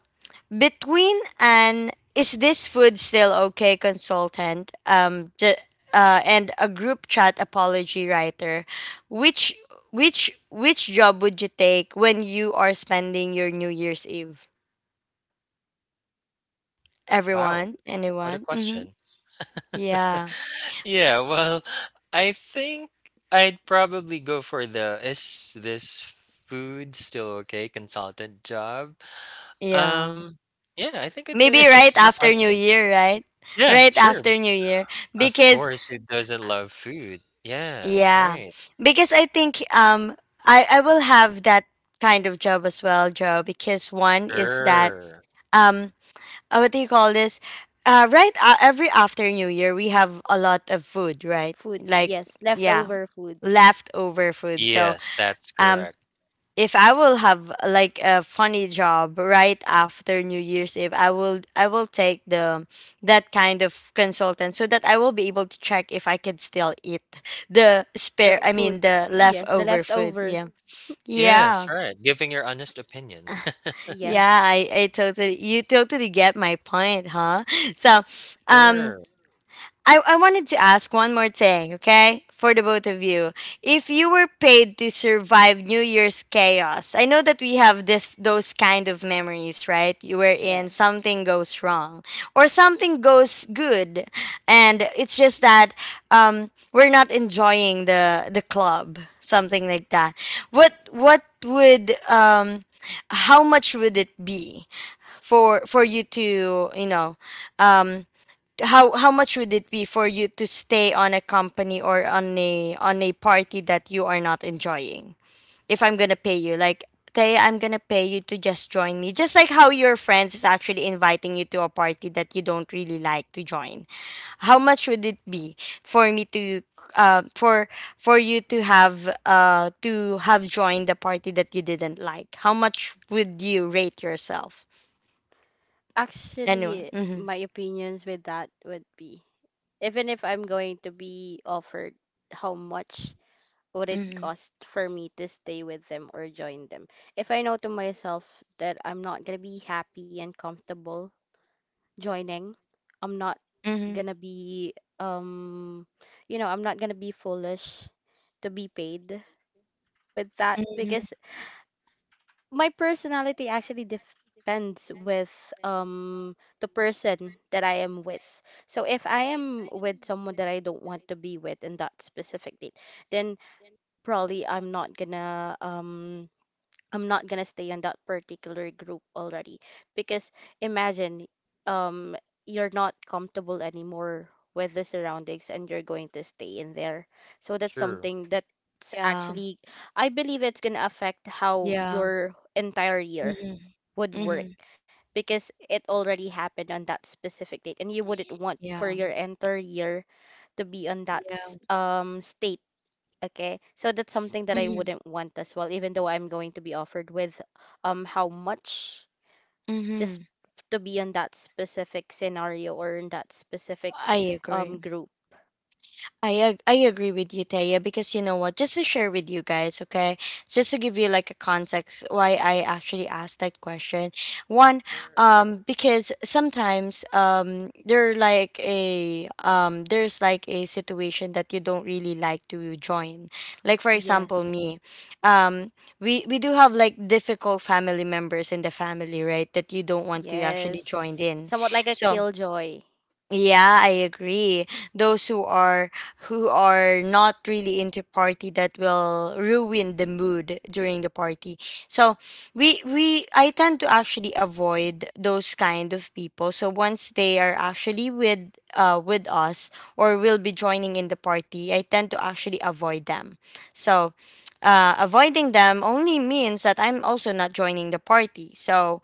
Speaker 1: between an is this food still okay consultant and a group chat apology writer, which which job would you take when you are spending your new year's eve?
Speaker 2: Wow.
Speaker 1: Everyone?
Speaker 2: What a
Speaker 1: Anyone? Mm-hmm.
Speaker 2: question.
Speaker 1: Yeah.
Speaker 2: Yeah, well, I think I'd probably go for the is this food still okay consultant job.
Speaker 1: Yeah.
Speaker 2: Um, yeah, I think it's an
Speaker 1: Maybe right
Speaker 2: interesting
Speaker 1: after new
Speaker 2: question.
Speaker 1: year, right?
Speaker 2: Yeah,
Speaker 1: Right
Speaker 2: sure.
Speaker 1: after new year
Speaker 2: Of
Speaker 1: because
Speaker 2: course, who doesn't love food? Yeah,
Speaker 1: yeah,
Speaker 2: right.
Speaker 1: because I think I will have that kind of job as well, Joe, because one is that
Speaker 2: Sure.
Speaker 1: um what do you call this, right every after new year we have a lot of food, right?
Speaker 3: Food,
Speaker 1: Like
Speaker 3: yes,
Speaker 1: yeah,
Speaker 3: leftover foods.
Speaker 1: leftover food. so
Speaker 2: Yes, that's
Speaker 1: um
Speaker 2: correct.
Speaker 1: if I will have like a funny job right after new year's eve, I will take the that kind of consultant so that I will be able to check if I could still eat the spare
Speaker 3: The
Speaker 1: I mean
Speaker 3: food,
Speaker 1: the
Speaker 3: yes, the
Speaker 1: leftover food.
Speaker 3: leftover.
Speaker 1: Yeah.
Speaker 2: Yes,
Speaker 1: Yeah.
Speaker 2: right. Giving your honest opinion.
Speaker 1: Yeah.
Speaker 3: Yes,
Speaker 1: I totally, you totally get my point, huh? So um
Speaker 2: Sure.
Speaker 1: I wanted to ask one more thing, okay? For the both of you. If you were paid to survive New Year's chaos, I know that we have this those kind of memories, right? You were in
Speaker 3: yes.
Speaker 1: something goes wrong or something goes good, and it's just that we're not enjoying the club, something like that. What would how much would it be for you to, you know, um how much would it be for you to stay on a company or on a party that you are not enjoying if I'm gonna pay you like, Tay, I'm gonna pay you to just join me. Just like how your friends is actually inviting you to a party that you don't really like to join. How much would it be for me to uh for for you to have joined the party that you didn't like? How much would you rate yourself? Anyone?
Speaker 3: Actually,
Speaker 1: Mm-hmm.
Speaker 3: my opinions with that would be, even if I'm going to be offered, how much would it
Speaker 1: Mm-hmm.
Speaker 3: cost for me to stay with them or join them? If I know to myself that I'm not gonna be happy and comfortable joining, I'm not
Speaker 1: Mm-hmm.
Speaker 3: gonna be um you know, I'm not gonna be foolish to be paid with that because
Speaker 1: Mm-hmm.
Speaker 3: my personality actually depends with the person that I am with. So if I am with someone that I don't want to be with in that specific date, then probably I'm not gonna stay on that particular group already because imagine um you're not comfortable anymore with the surroundings and you're going to stay in there. So that's
Speaker 2: True.
Speaker 3: something that's
Speaker 1: Yeah.
Speaker 3: actually, I believe, it's gonna affect how
Speaker 1: Yeah.
Speaker 3: your entire year
Speaker 1: Mhm.
Speaker 3: would work
Speaker 1: Mhm.
Speaker 3: because it already happened on that specific date and you wouldn't want for
Speaker 1: Yeah.
Speaker 3: your entire year to be on that
Speaker 1: Yeah.
Speaker 3: state. Okay, so that's something that I
Speaker 1: Mhm.
Speaker 3: wouldn't want as well, even though I'm going to be offered with how much just
Speaker 1: Mhm.
Speaker 3: to be on that specific scenario or in that specific
Speaker 1: I agree.
Speaker 3: group.
Speaker 1: I agree with you, Taya, because you know what? Just to share with you guys, okay? Just to give you like a context why I actually asked that question. One, because sometimes there's like a situation that you don't really like to join. Like for example,
Speaker 3: Yes.
Speaker 1: me, um, we do have like difficult family members in the family, right? That you don't want to actually join
Speaker 3: Yes.
Speaker 1: in.
Speaker 3: Somewhat like a
Speaker 1: So
Speaker 3: killjoy.
Speaker 1: yeah, I agree. Those who are not really into party that will ruin the mood during the party. So we I tend to actually avoid those kind of people. So once they are actually with us or will be joining in the party, I tend to actually avoid them. So avoiding them only means that I'm also not joining the party. So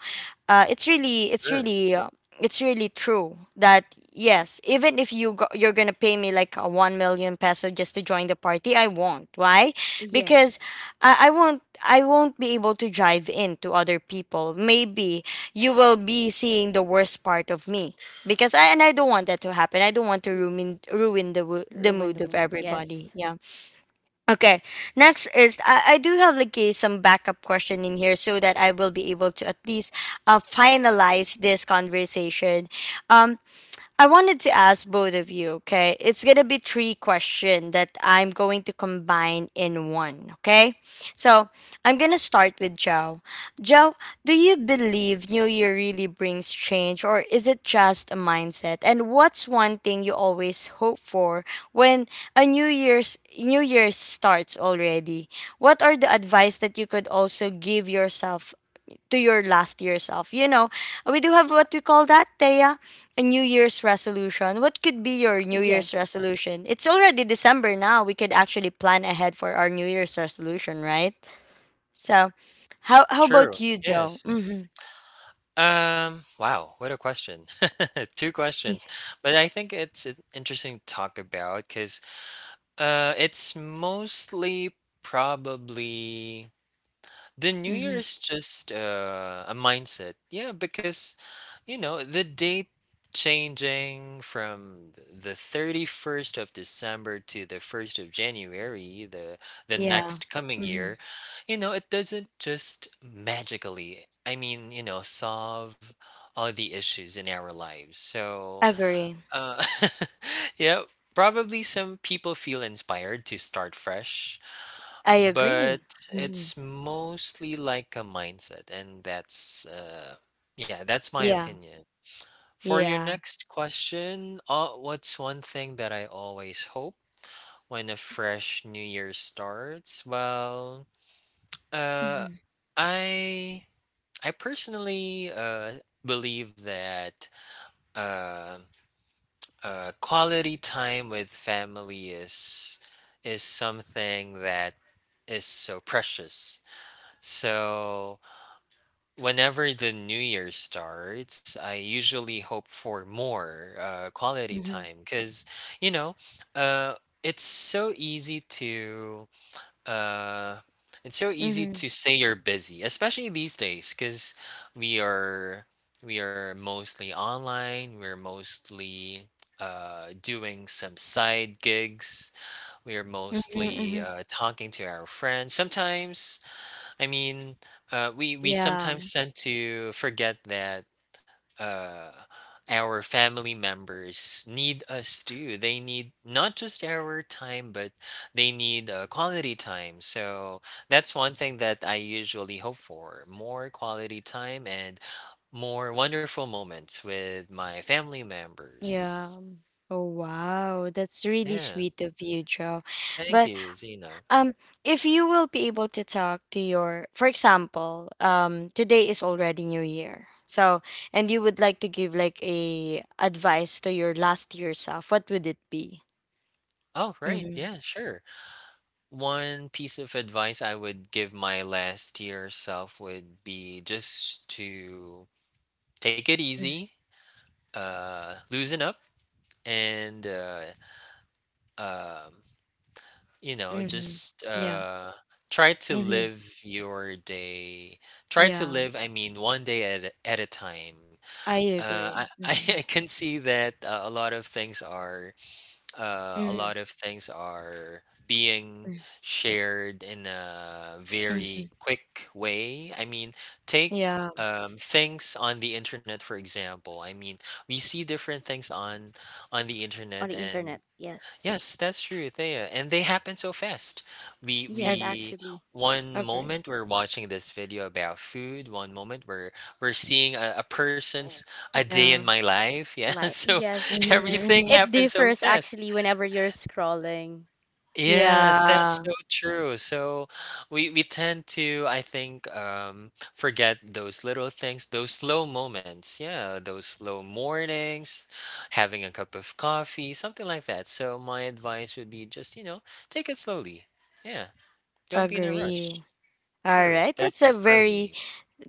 Speaker 1: uh, it's really it's
Speaker 2: Sure.
Speaker 1: really uh, it's really true that yes, even if you go, you're gonna pay me like a 1 million peso just to join the party, I won't. Why? Because
Speaker 3: Yes.
Speaker 1: I, I won't I won't be able to drive in to other people. Maybe you will be seeing the worst part of me because I don't want that to happen. I don't want to
Speaker 3: Y-
Speaker 1: ruin the
Speaker 3: Ruin the
Speaker 1: mood of
Speaker 3: mood.
Speaker 1: everybody.
Speaker 3: Yes.
Speaker 1: Yeah. Okay. Next is, I do have like a, some backup question in here so that I will be able to at least finalize this conversation. Um, I wanted to ask both of you, okay? It's going to be three questions that I'm going to combine in one, okay? So I'm going to start with Joe. Joe, do you believe New Year really brings change or is it just a mindset? And what's one thing you always hope for when a New Year starts already? What are the advice that you could also give yourself to your last year self? You know, we do have what we call that, Thea, a New Year's resolution. What could be your New Year's
Speaker 3: Yes.
Speaker 1: resolution? It's already December now. We could actually plan ahead for our New Year's resolution, right? So, how about
Speaker 2: True.
Speaker 1: you, Joe?
Speaker 2: Yes.
Speaker 1: Mm-hmm.
Speaker 2: Wow, what a question. Two
Speaker 1: Yeah.
Speaker 2: questions. But I think it's an interesting to talk about because it's mostly probably the New Year
Speaker 1: Mm-hmm.
Speaker 2: is just a mindset. Yeah, because, you know, the date changing from the 31st of December to the 1st of January, the
Speaker 1: Yeah.
Speaker 2: next coming
Speaker 1: Mm-hmm.
Speaker 2: year, you know, it doesn't just magically, I mean, you know, solve all the issues in our lives. So,
Speaker 1: Agree.
Speaker 2: uh, yeah, probably some people feel inspired to start fresh
Speaker 1: I agree.
Speaker 2: but
Speaker 1: Mm-hmm.
Speaker 2: it's mostly like a mindset, and that's yeah, that's my
Speaker 1: Yeah.
Speaker 2: opinion for your
Speaker 1: Yeah.
Speaker 2: next question. What's one thing that I always hope when a fresh new year starts? well uh
Speaker 1: Mm-hmm.
Speaker 2: i i personally believe that uh, quality time with family is something that is so precious. So whenever the new year starts, I usually hope for more quality
Speaker 1: Mm-hmm.
Speaker 2: time because, you know, uh, it's so easy to uh, it's so easy
Speaker 1: Mm-hmm.
Speaker 2: to say you're busy, especially these days because we are we are mostly online. We're mostly doing some side gigs. We are
Speaker 1: Mm-hmm.
Speaker 2: mostly
Speaker 1: Mm-hmm.
Speaker 2: talking to our friends. Sometimes I mean, we
Speaker 1: Yeah.
Speaker 2: sometimes tend to forget that uh, our family members need us too. They need not just our time, but they need quality time. So that's one thing that I usually hope for: more quality time and more wonderful moments with my family
Speaker 1: Yeah.
Speaker 2: members.
Speaker 1: Oh wow, that's really
Speaker 2: Yeah,
Speaker 1: sweet of you, Joe.
Speaker 2: thank
Speaker 1: But
Speaker 2: you, Zena.
Speaker 1: um, if you will be able to talk to your, for example, today is already New Year. So, and you would like to give like a advice to your last year self, what would it be?
Speaker 2: Oh, right.
Speaker 1: Mm-hmm.
Speaker 2: Yeah, sure. One piece of advice I would give my last year self would be just to take it easy, loosen up, and um, you know,
Speaker 1: Mm-hmm.
Speaker 2: just
Speaker 1: Yeah.
Speaker 2: try to
Speaker 1: Mm-hmm.
Speaker 2: live your day. Try to
Speaker 1: Yeah.
Speaker 2: live, I mean, one day at at a time.
Speaker 1: I
Speaker 2: Uh, I,
Speaker 1: agree.
Speaker 2: I
Speaker 1: Mm-hmm.
Speaker 2: can see that a
Speaker 1: Mm-hmm.
Speaker 2: lot of things are being shared in a
Speaker 1: Mm-hmm.
Speaker 2: very quick way. I mean, take
Speaker 1: Yeah.
Speaker 2: things on the internet, for example. I mean, we see different things on the
Speaker 3: On
Speaker 2: internet,
Speaker 3: the internet.
Speaker 2: and
Speaker 3: Yes.
Speaker 2: yes, that's true, Thea. And they happen so fast. We
Speaker 3: Yes,
Speaker 1: Agree.
Speaker 2: we
Speaker 3: actually.
Speaker 2: one
Speaker 1: Agree.
Speaker 2: moment we're watching this video about food. One moment we're seeing a person's a day in
Speaker 1: Yeah.
Speaker 2: my life. Yeah,
Speaker 3: Live.
Speaker 2: so
Speaker 3: Yes.
Speaker 2: everything
Speaker 1: Mm-hmm.
Speaker 3: It
Speaker 2: happens so
Speaker 3: differs
Speaker 2: fast.
Speaker 3: actually whenever you're scrolling.
Speaker 2: Yes, that's
Speaker 1: Yeah.
Speaker 2: so true. So we tend to, I think, forget those little things, those slow moments. Yeah, those slow mornings, having a cup of coffee, something like that. So my advice would be just, you know, take it slowly. Yeah, don't be in a rush.
Speaker 1: Agree. All
Speaker 2: Sure,
Speaker 1: right,
Speaker 2: that's
Speaker 1: that's a
Speaker 2: for
Speaker 1: very
Speaker 2: me.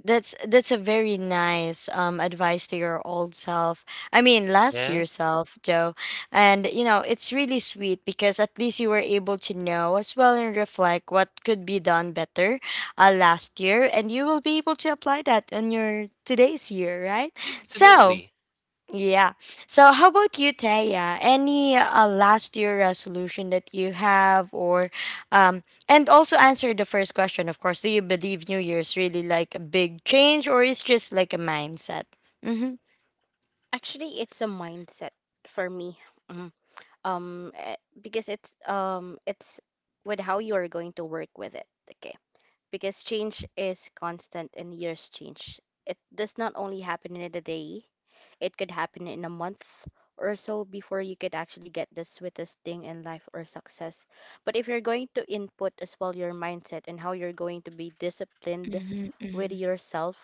Speaker 1: that's a very nice advice to your old self. I mean, last
Speaker 2: Yeah,
Speaker 1: year self, Joe. And you know, it's really sweet because at least you were able to know as well and reflect what could be done better last year and you will be able to apply that on your today's year, right? So,
Speaker 2: absolutely.
Speaker 1: yeah. So how about you, Taya? Any last year resolution that you have or um and also answer the first question, of course. Do you believe New Year's really like a big change or it's just like a mindset? Mm-hmm.
Speaker 3: Actually, it's a mindset for me. Mm. Because it's with how you are going to work with it, okay? Because change is constant and years change. It does not only happen in a day, it could happen in a month or so before you could actually get the sweetest thing in life or success. But if you're going to input as well your mindset and how you're going to be disciplined
Speaker 1: Mm-hmm,
Speaker 3: with
Speaker 1: mm-hmm.
Speaker 3: yourself,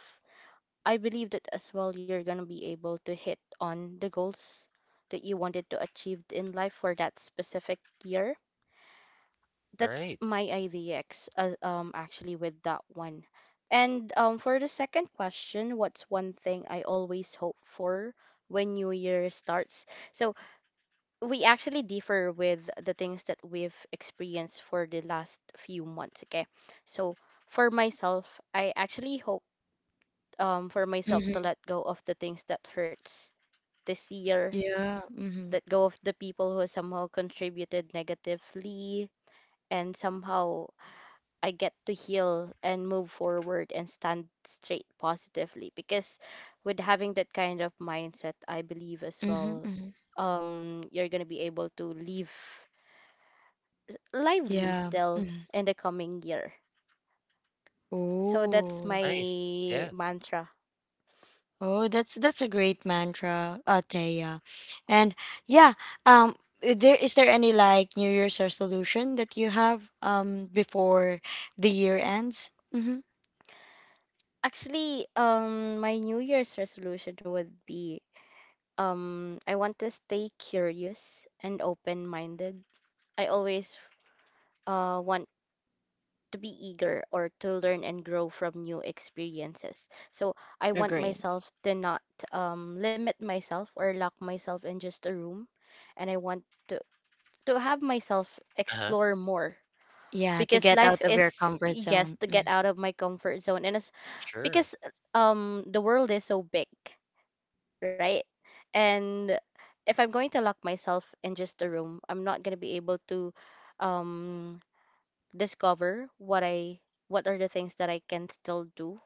Speaker 3: I believe that as well, you're going to be able to hit on the goals that you wanted to achieve in life for that specific year. That's
Speaker 2: Right.
Speaker 3: my IDX actually with that one. And for the second question, what's one thing I always hope for when new year starts? So we actually differ with the things that we've experienced for the last few months, okay? So for myself, I actually hope, for myself, to
Speaker 1: Hmm.
Speaker 3: let go of the things that hurts this year,
Speaker 1: Yeah. Mm-hmm.
Speaker 3: let go of the people who somehow contributed negatively, and somehow I get to heal and move forward and stand straight positively. Because with having that kind of mindset, I believe as
Speaker 1: Mm-hmm.
Speaker 3: well,
Speaker 1: Mm-hmm.
Speaker 3: you're gonna be able to live lively
Speaker 1: Yeah.
Speaker 3: still
Speaker 1: Mm-hmm.
Speaker 3: in the coming year. So that's
Speaker 1: Oh.
Speaker 2: Nice.
Speaker 3: my
Speaker 2: Yeah.
Speaker 3: mantra.
Speaker 1: Oh, that's a great mantra, Taya. And yeah, um, there is there any like New Year's resolution that you have before the year ends? Mm-hmm.
Speaker 3: Actually, my New Year's resolution would be I want to stay curious and open-minded. I always want to be eager or to learn and grow from new experiences. So I want
Speaker 1: Agree.
Speaker 3: myself to not limit myself or lock myself in just a room, and I want to to have myself
Speaker 2: Uh-huh.
Speaker 3: explore more
Speaker 1: Yeah, to
Speaker 3: because
Speaker 1: get
Speaker 3: life
Speaker 1: out of your
Speaker 3: is,
Speaker 1: comfort
Speaker 3: yes,
Speaker 1: zone.
Speaker 3: to get
Speaker 1: Mm.
Speaker 3: out of my comfort zone, and it's
Speaker 2: Sure.
Speaker 3: because the world is so big, right? And if I'm going to lock myself in just a room, I'm not going to be able to um, discover what are the things that I can still do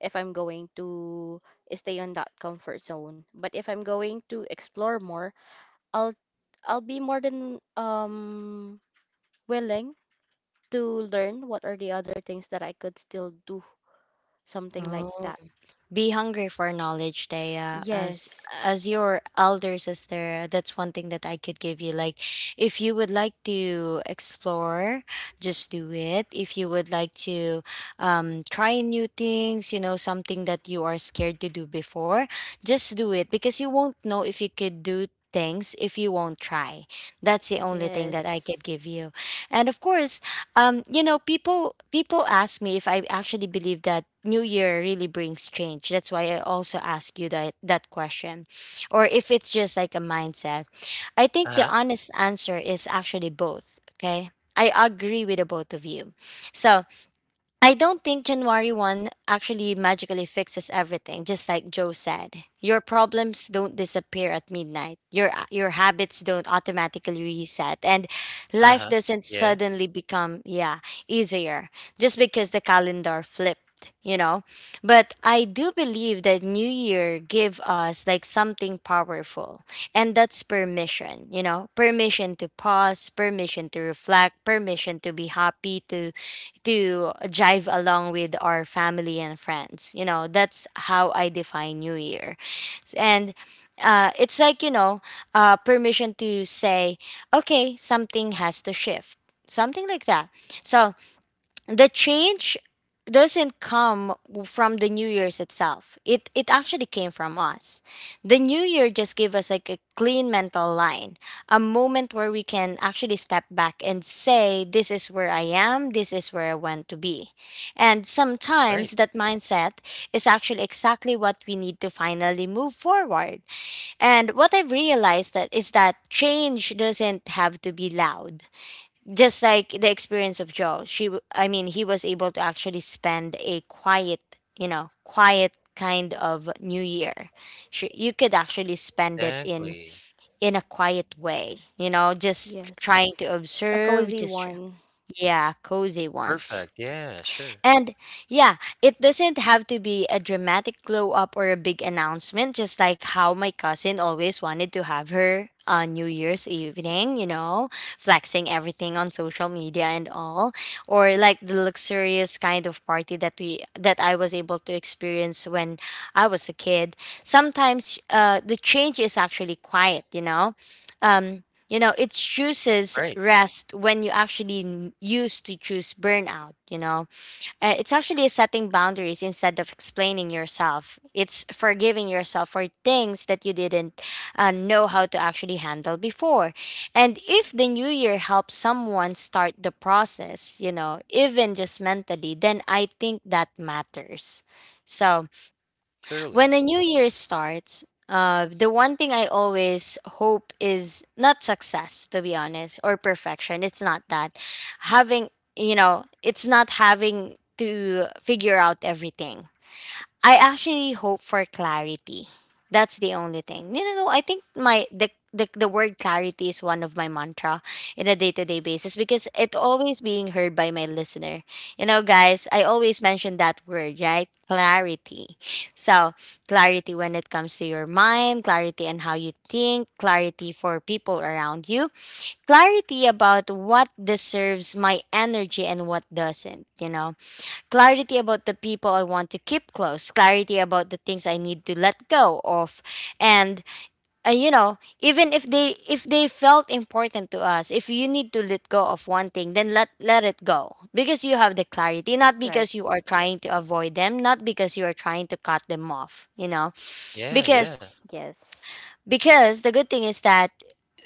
Speaker 3: if I'm going to stay on that comfort zone. But if I'm going to explore more, I'll I'll be more than willing to learn what are the other things that I could still do, something like
Speaker 1: Oh.
Speaker 3: that.
Speaker 1: Be hungry for knowledge, Thea. As
Speaker 3: Yes,
Speaker 1: your elder sister, that's one thing that I could give you. Like, if you would like to explore, just do it. If you would like to try new things, you know, something that you are scared to do before, just do it because you won't know if you could do things if you won't try. That's the only thing that I
Speaker 3: yes,
Speaker 1: could give you. And of course, you know, people ask me if I actually believe that New Year really brings change. That's why I also ask you that question, or if it's just like a mindset. I think the
Speaker 2: Uh-huh.
Speaker 1: honest answer is actually both. Okay, I agree with the both of you. So I don't think January 1st actually magically fixes everything, just like Joe said. Your problems don't disappear at midnight. Your habits don't automatically reset, and life
Speaker 2: Uh-huh.
Speaker 1: doesn't
Speaker 2: Yeah.
Speaker 1: suddenly become, yeah, easier just because the calendar flipped, you know. But I do believe that New Year give us like something powerful, and that's permission, you know. Permission to pause, permission to reflect, permission to be happy, to jive along with our family and friends. You know, that's how I define New Year. And it's like, you know, permission to say, okay, something has to shift, something like that. So the change doesn't come from the new year's itself. It actually came from us. The new year just gave us like a clean mental line, a moment where we can actually step back and say, this is where I am, this is where I want to be. And
Speaker 2: Right.
Speaker 1: sometimes that mindset is actually exactly what we need to finally move forward. And what I've realized that is that change doesn't have to be loud, just like the experience of Joe. She, I mean, he was able to actually spend a quiet, you know, quiet kind of New Year. She, you could actually spend it in
Speaker 2: Exactly.
Speaker 1: a quiet way, you know, just
Speaker 3: yes.
Speaker 1: trying to
Speaker 3: A cozy
Speaker 1: observe, just
Speaker 3: one.
Speaker 1: yeah, cozy one.
Speaker 2: Perfect. Yeah, sure.
Speaker 1: And yeah, it doesn't have to be a dramatic glow up or a big announcement, just like how my cousin always wanted to have her on New Year's evening, flexing everything on social media and all. Or like the luxurious kind of party that we that I was able to experience when I was a kid. Sometimes the change is actually quiet. You know. Um it chooses
Speaker 2: Right.
Speaker 1: rest when you actually used to choose burnout. It's actually setting boundaries instead of explaining yourself. It's forgiving yourself for things that you didn't know how to actually handle before. And if the new year helps someone start the process, you know, even just mentally, then I think that matters. So, when
Speaker 2: Truly.
Speaker 1: a new year starts, the one thing I always hope is not success, to be honest, or perfection. It's not that. Having, it's not having to figure out everything. I actually hope for clarity. That's the only thing. No, no, no. I think the word clarity is one of my mantra in a day-to-day basis because it always being heard by my listener. You know, guys, I always mention that word, right? Clarity. So, clarity when it comes to your mind, clarity and how you think, clarity for people around you, clarity about what deserves my energy and what doesn't, you know, clarity about the people I want to keep close, clarity about the things I need to let go of, and you know, even if they felt important to us, if you need to let go of one thing, then let it go because you have the clarity, not
Speaker 3: Clarity.
Speaker 1: because you are trying to
Speaker 3: Yes.
Speaker 1: avoid them, not because you are trying to cut them off, you know,
Speaker 2: Yeah,
Speaker 1: because
Speaker 2: yeah.
Speaker 3: Yes.
Speaker 1: because the good thing is that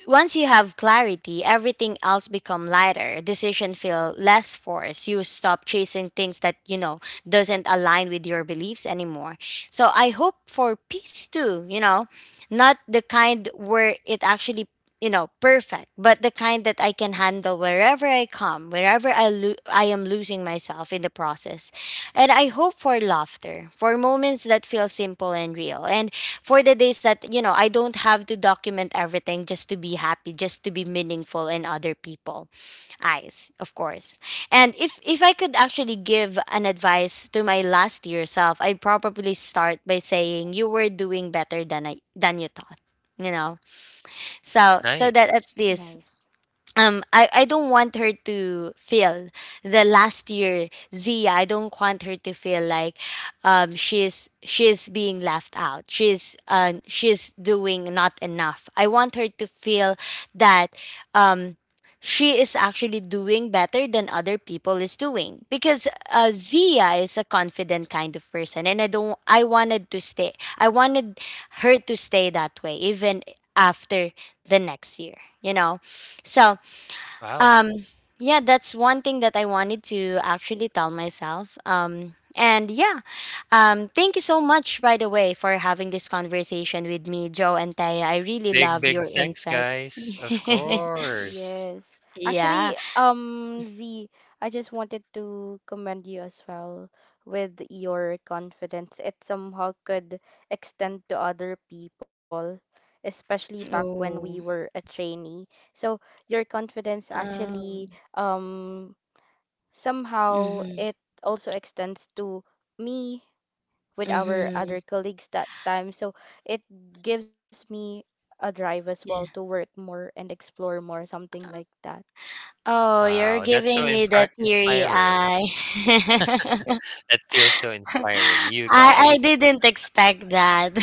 Speaker 1: once you have clarity, everything else become lighter. Decision feel less forced. You stop chasing things that, you know, doesn't align with your beliefs anymore. So I hope for peace too, you know, not the kind where it actually you know perfect, but the kind that I can handle wherever I come, wherever I I am losing myself in the process. And I hope for laughter, for moments that feel simple and real, and for the days that, you know, I don't have to document everything just to be happy, just to be meaningful in other people eyes, of course. And if I could actually give an advice to my last year self, I'd probably start by saying you were doing better than I than you thought, you know. So that at
Speaker 2: Nice.
Speaker 1: least
Speaker 3: Nice.
Speaker 1: I don't want her to feel the last year Zia, I don't want her to feel like she's being left out, she's doing not enough. I want her to feel that um she is actually doing better than other people is doing because Zia is a confident kind of person, and I don't I wanted to stay. I wanted her to stay that way even after the next year, you know. So
Speaker 2: Wow.
Speaker 1: um, yeah, that's one thing that I wanted to actually
Speaker 3: Too.
Speaker 1: tell myself. And yeah, thank you so much, by the way, for having this conversation with me, Joe and Taya. I really
Speaker 2: Big,
Speaker 1: love
Speaker 2: big
Speaker 1: your
Speaker 2: thanks,
Speaker 1: insight.
Speaker 2: guys. Of course.
Speaker 3: Yes.
Speaker 1: Yeah.
Speaker 3: Actually, Z, I just wanted to commend you as well with your confidence. It somehow could extend to other people, especially back when we
Speaker 1: Oh.
Speaker 3: were a trainee. So your confidence
Speaker 1: Oh.
Speaker 3: actually, somehow
Speaker 1: Mm-hmm.
Speaker 3: it also extends to me with our
Speaker 1: Mm-hmm.
Speaker 3: other colleagues that time. So it gives me a drive as well to
Speaker 1: Yeah.
Speaker 3: work more and explore more, something like that.
Speaker 1: Oh, you're
Speaker 2: Wow, that's so
Speaker 1: giving me the
Speaker 2: impra
Speaker 1: teary
Speaker 2: inspiring.
Speaker 1: eye.
Speaker 2: That feels so inspiring. You
Speaker 1: I
Speaker 2: guys.
Speaker 1: didn't expect that.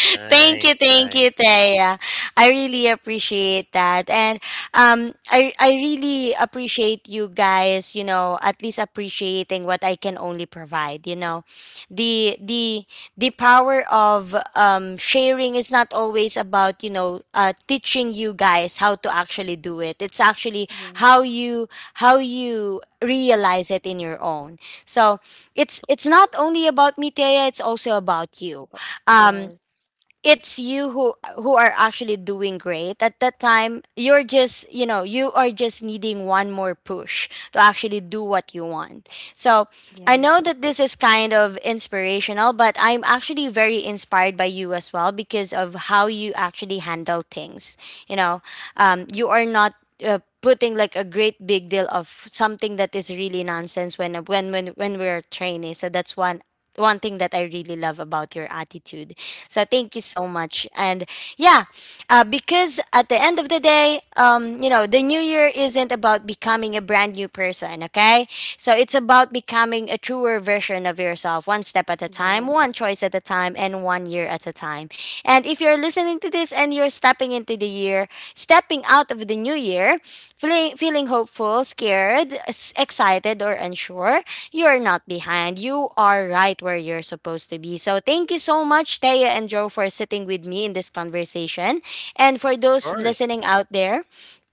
Speaker 1: Thank
Speaker 2: Nice,
Speaker 1: you, thank you,
Speaker 2: nice.
Speaker 1: Taya. I really appreciate that, and I really appreciate you guys. You know, at least appreciating what I can only provide. You know, the the power of sharing is not always about, you know, teaching you guys how to actually do it. It's actually how
Speaker 3: Yes.
Speaker 1: you how you realize it in your own. So it's not only about me, Thea, it's also about you.
Speaker 3: But
Speaker 1: um
Speaker 3: yes.
Speaker 1: it's you who are actually doing great at that time. You're just, you know, you are just needing one more push to actually do what you want. So I know
Speaker 3: Yes.
Speaker 1: that this is kind of inspirational, but I'm actually very inspired by you as well because of how you actually handle things, you know. You are not putting like a great big deal of something that is really nonsense when we're training. So that's one thing that I really love about your attitude. So thank you so much. And yeah, because at the end of the day, you know, the new year isn't about becoming a brand new person, okay? So it's about becoming a truer version of yourself, one step at a time, one choice
Speaker 3: Yes.
Speaker 1: at a time, and one year at a time. And if you're listening to this and you're stepping into the year, stepping out of the new year, feeling hopeful, scared, excited, or unsure, you're not behind. You are right where you're supposed to be. So thank you so much, Taya and Joe, for sitting with me in this conversation. And for
Speaker 2: Of
Speaker 1: those
Speaker 2: course.
Speaker 1: listening out there,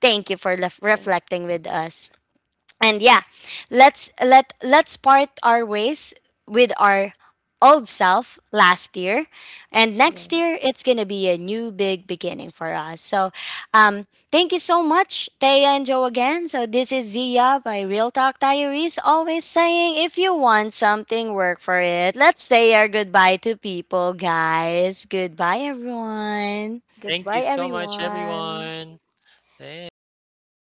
Speaker 1: thank you for
Speaker 3: Thank
Speaker 1: reflecting with us. And yeah, let's part our ways with our old self last year, and next year it's
Speaker 3: yes.
Speaker 1: gonna be a new big beginning for us. So thank you so much, Taya and Joe, again. So this is Zia by Real Talk Diaries, always saying if you want something, work for it. Let's say our goodbye to people, guys. Goodbye, everyone.
Speaker 3: Goodbye
Speaker 2: Thank you so much,
Speaker 3: everyone.
Speaker 2: everyone. Thanks.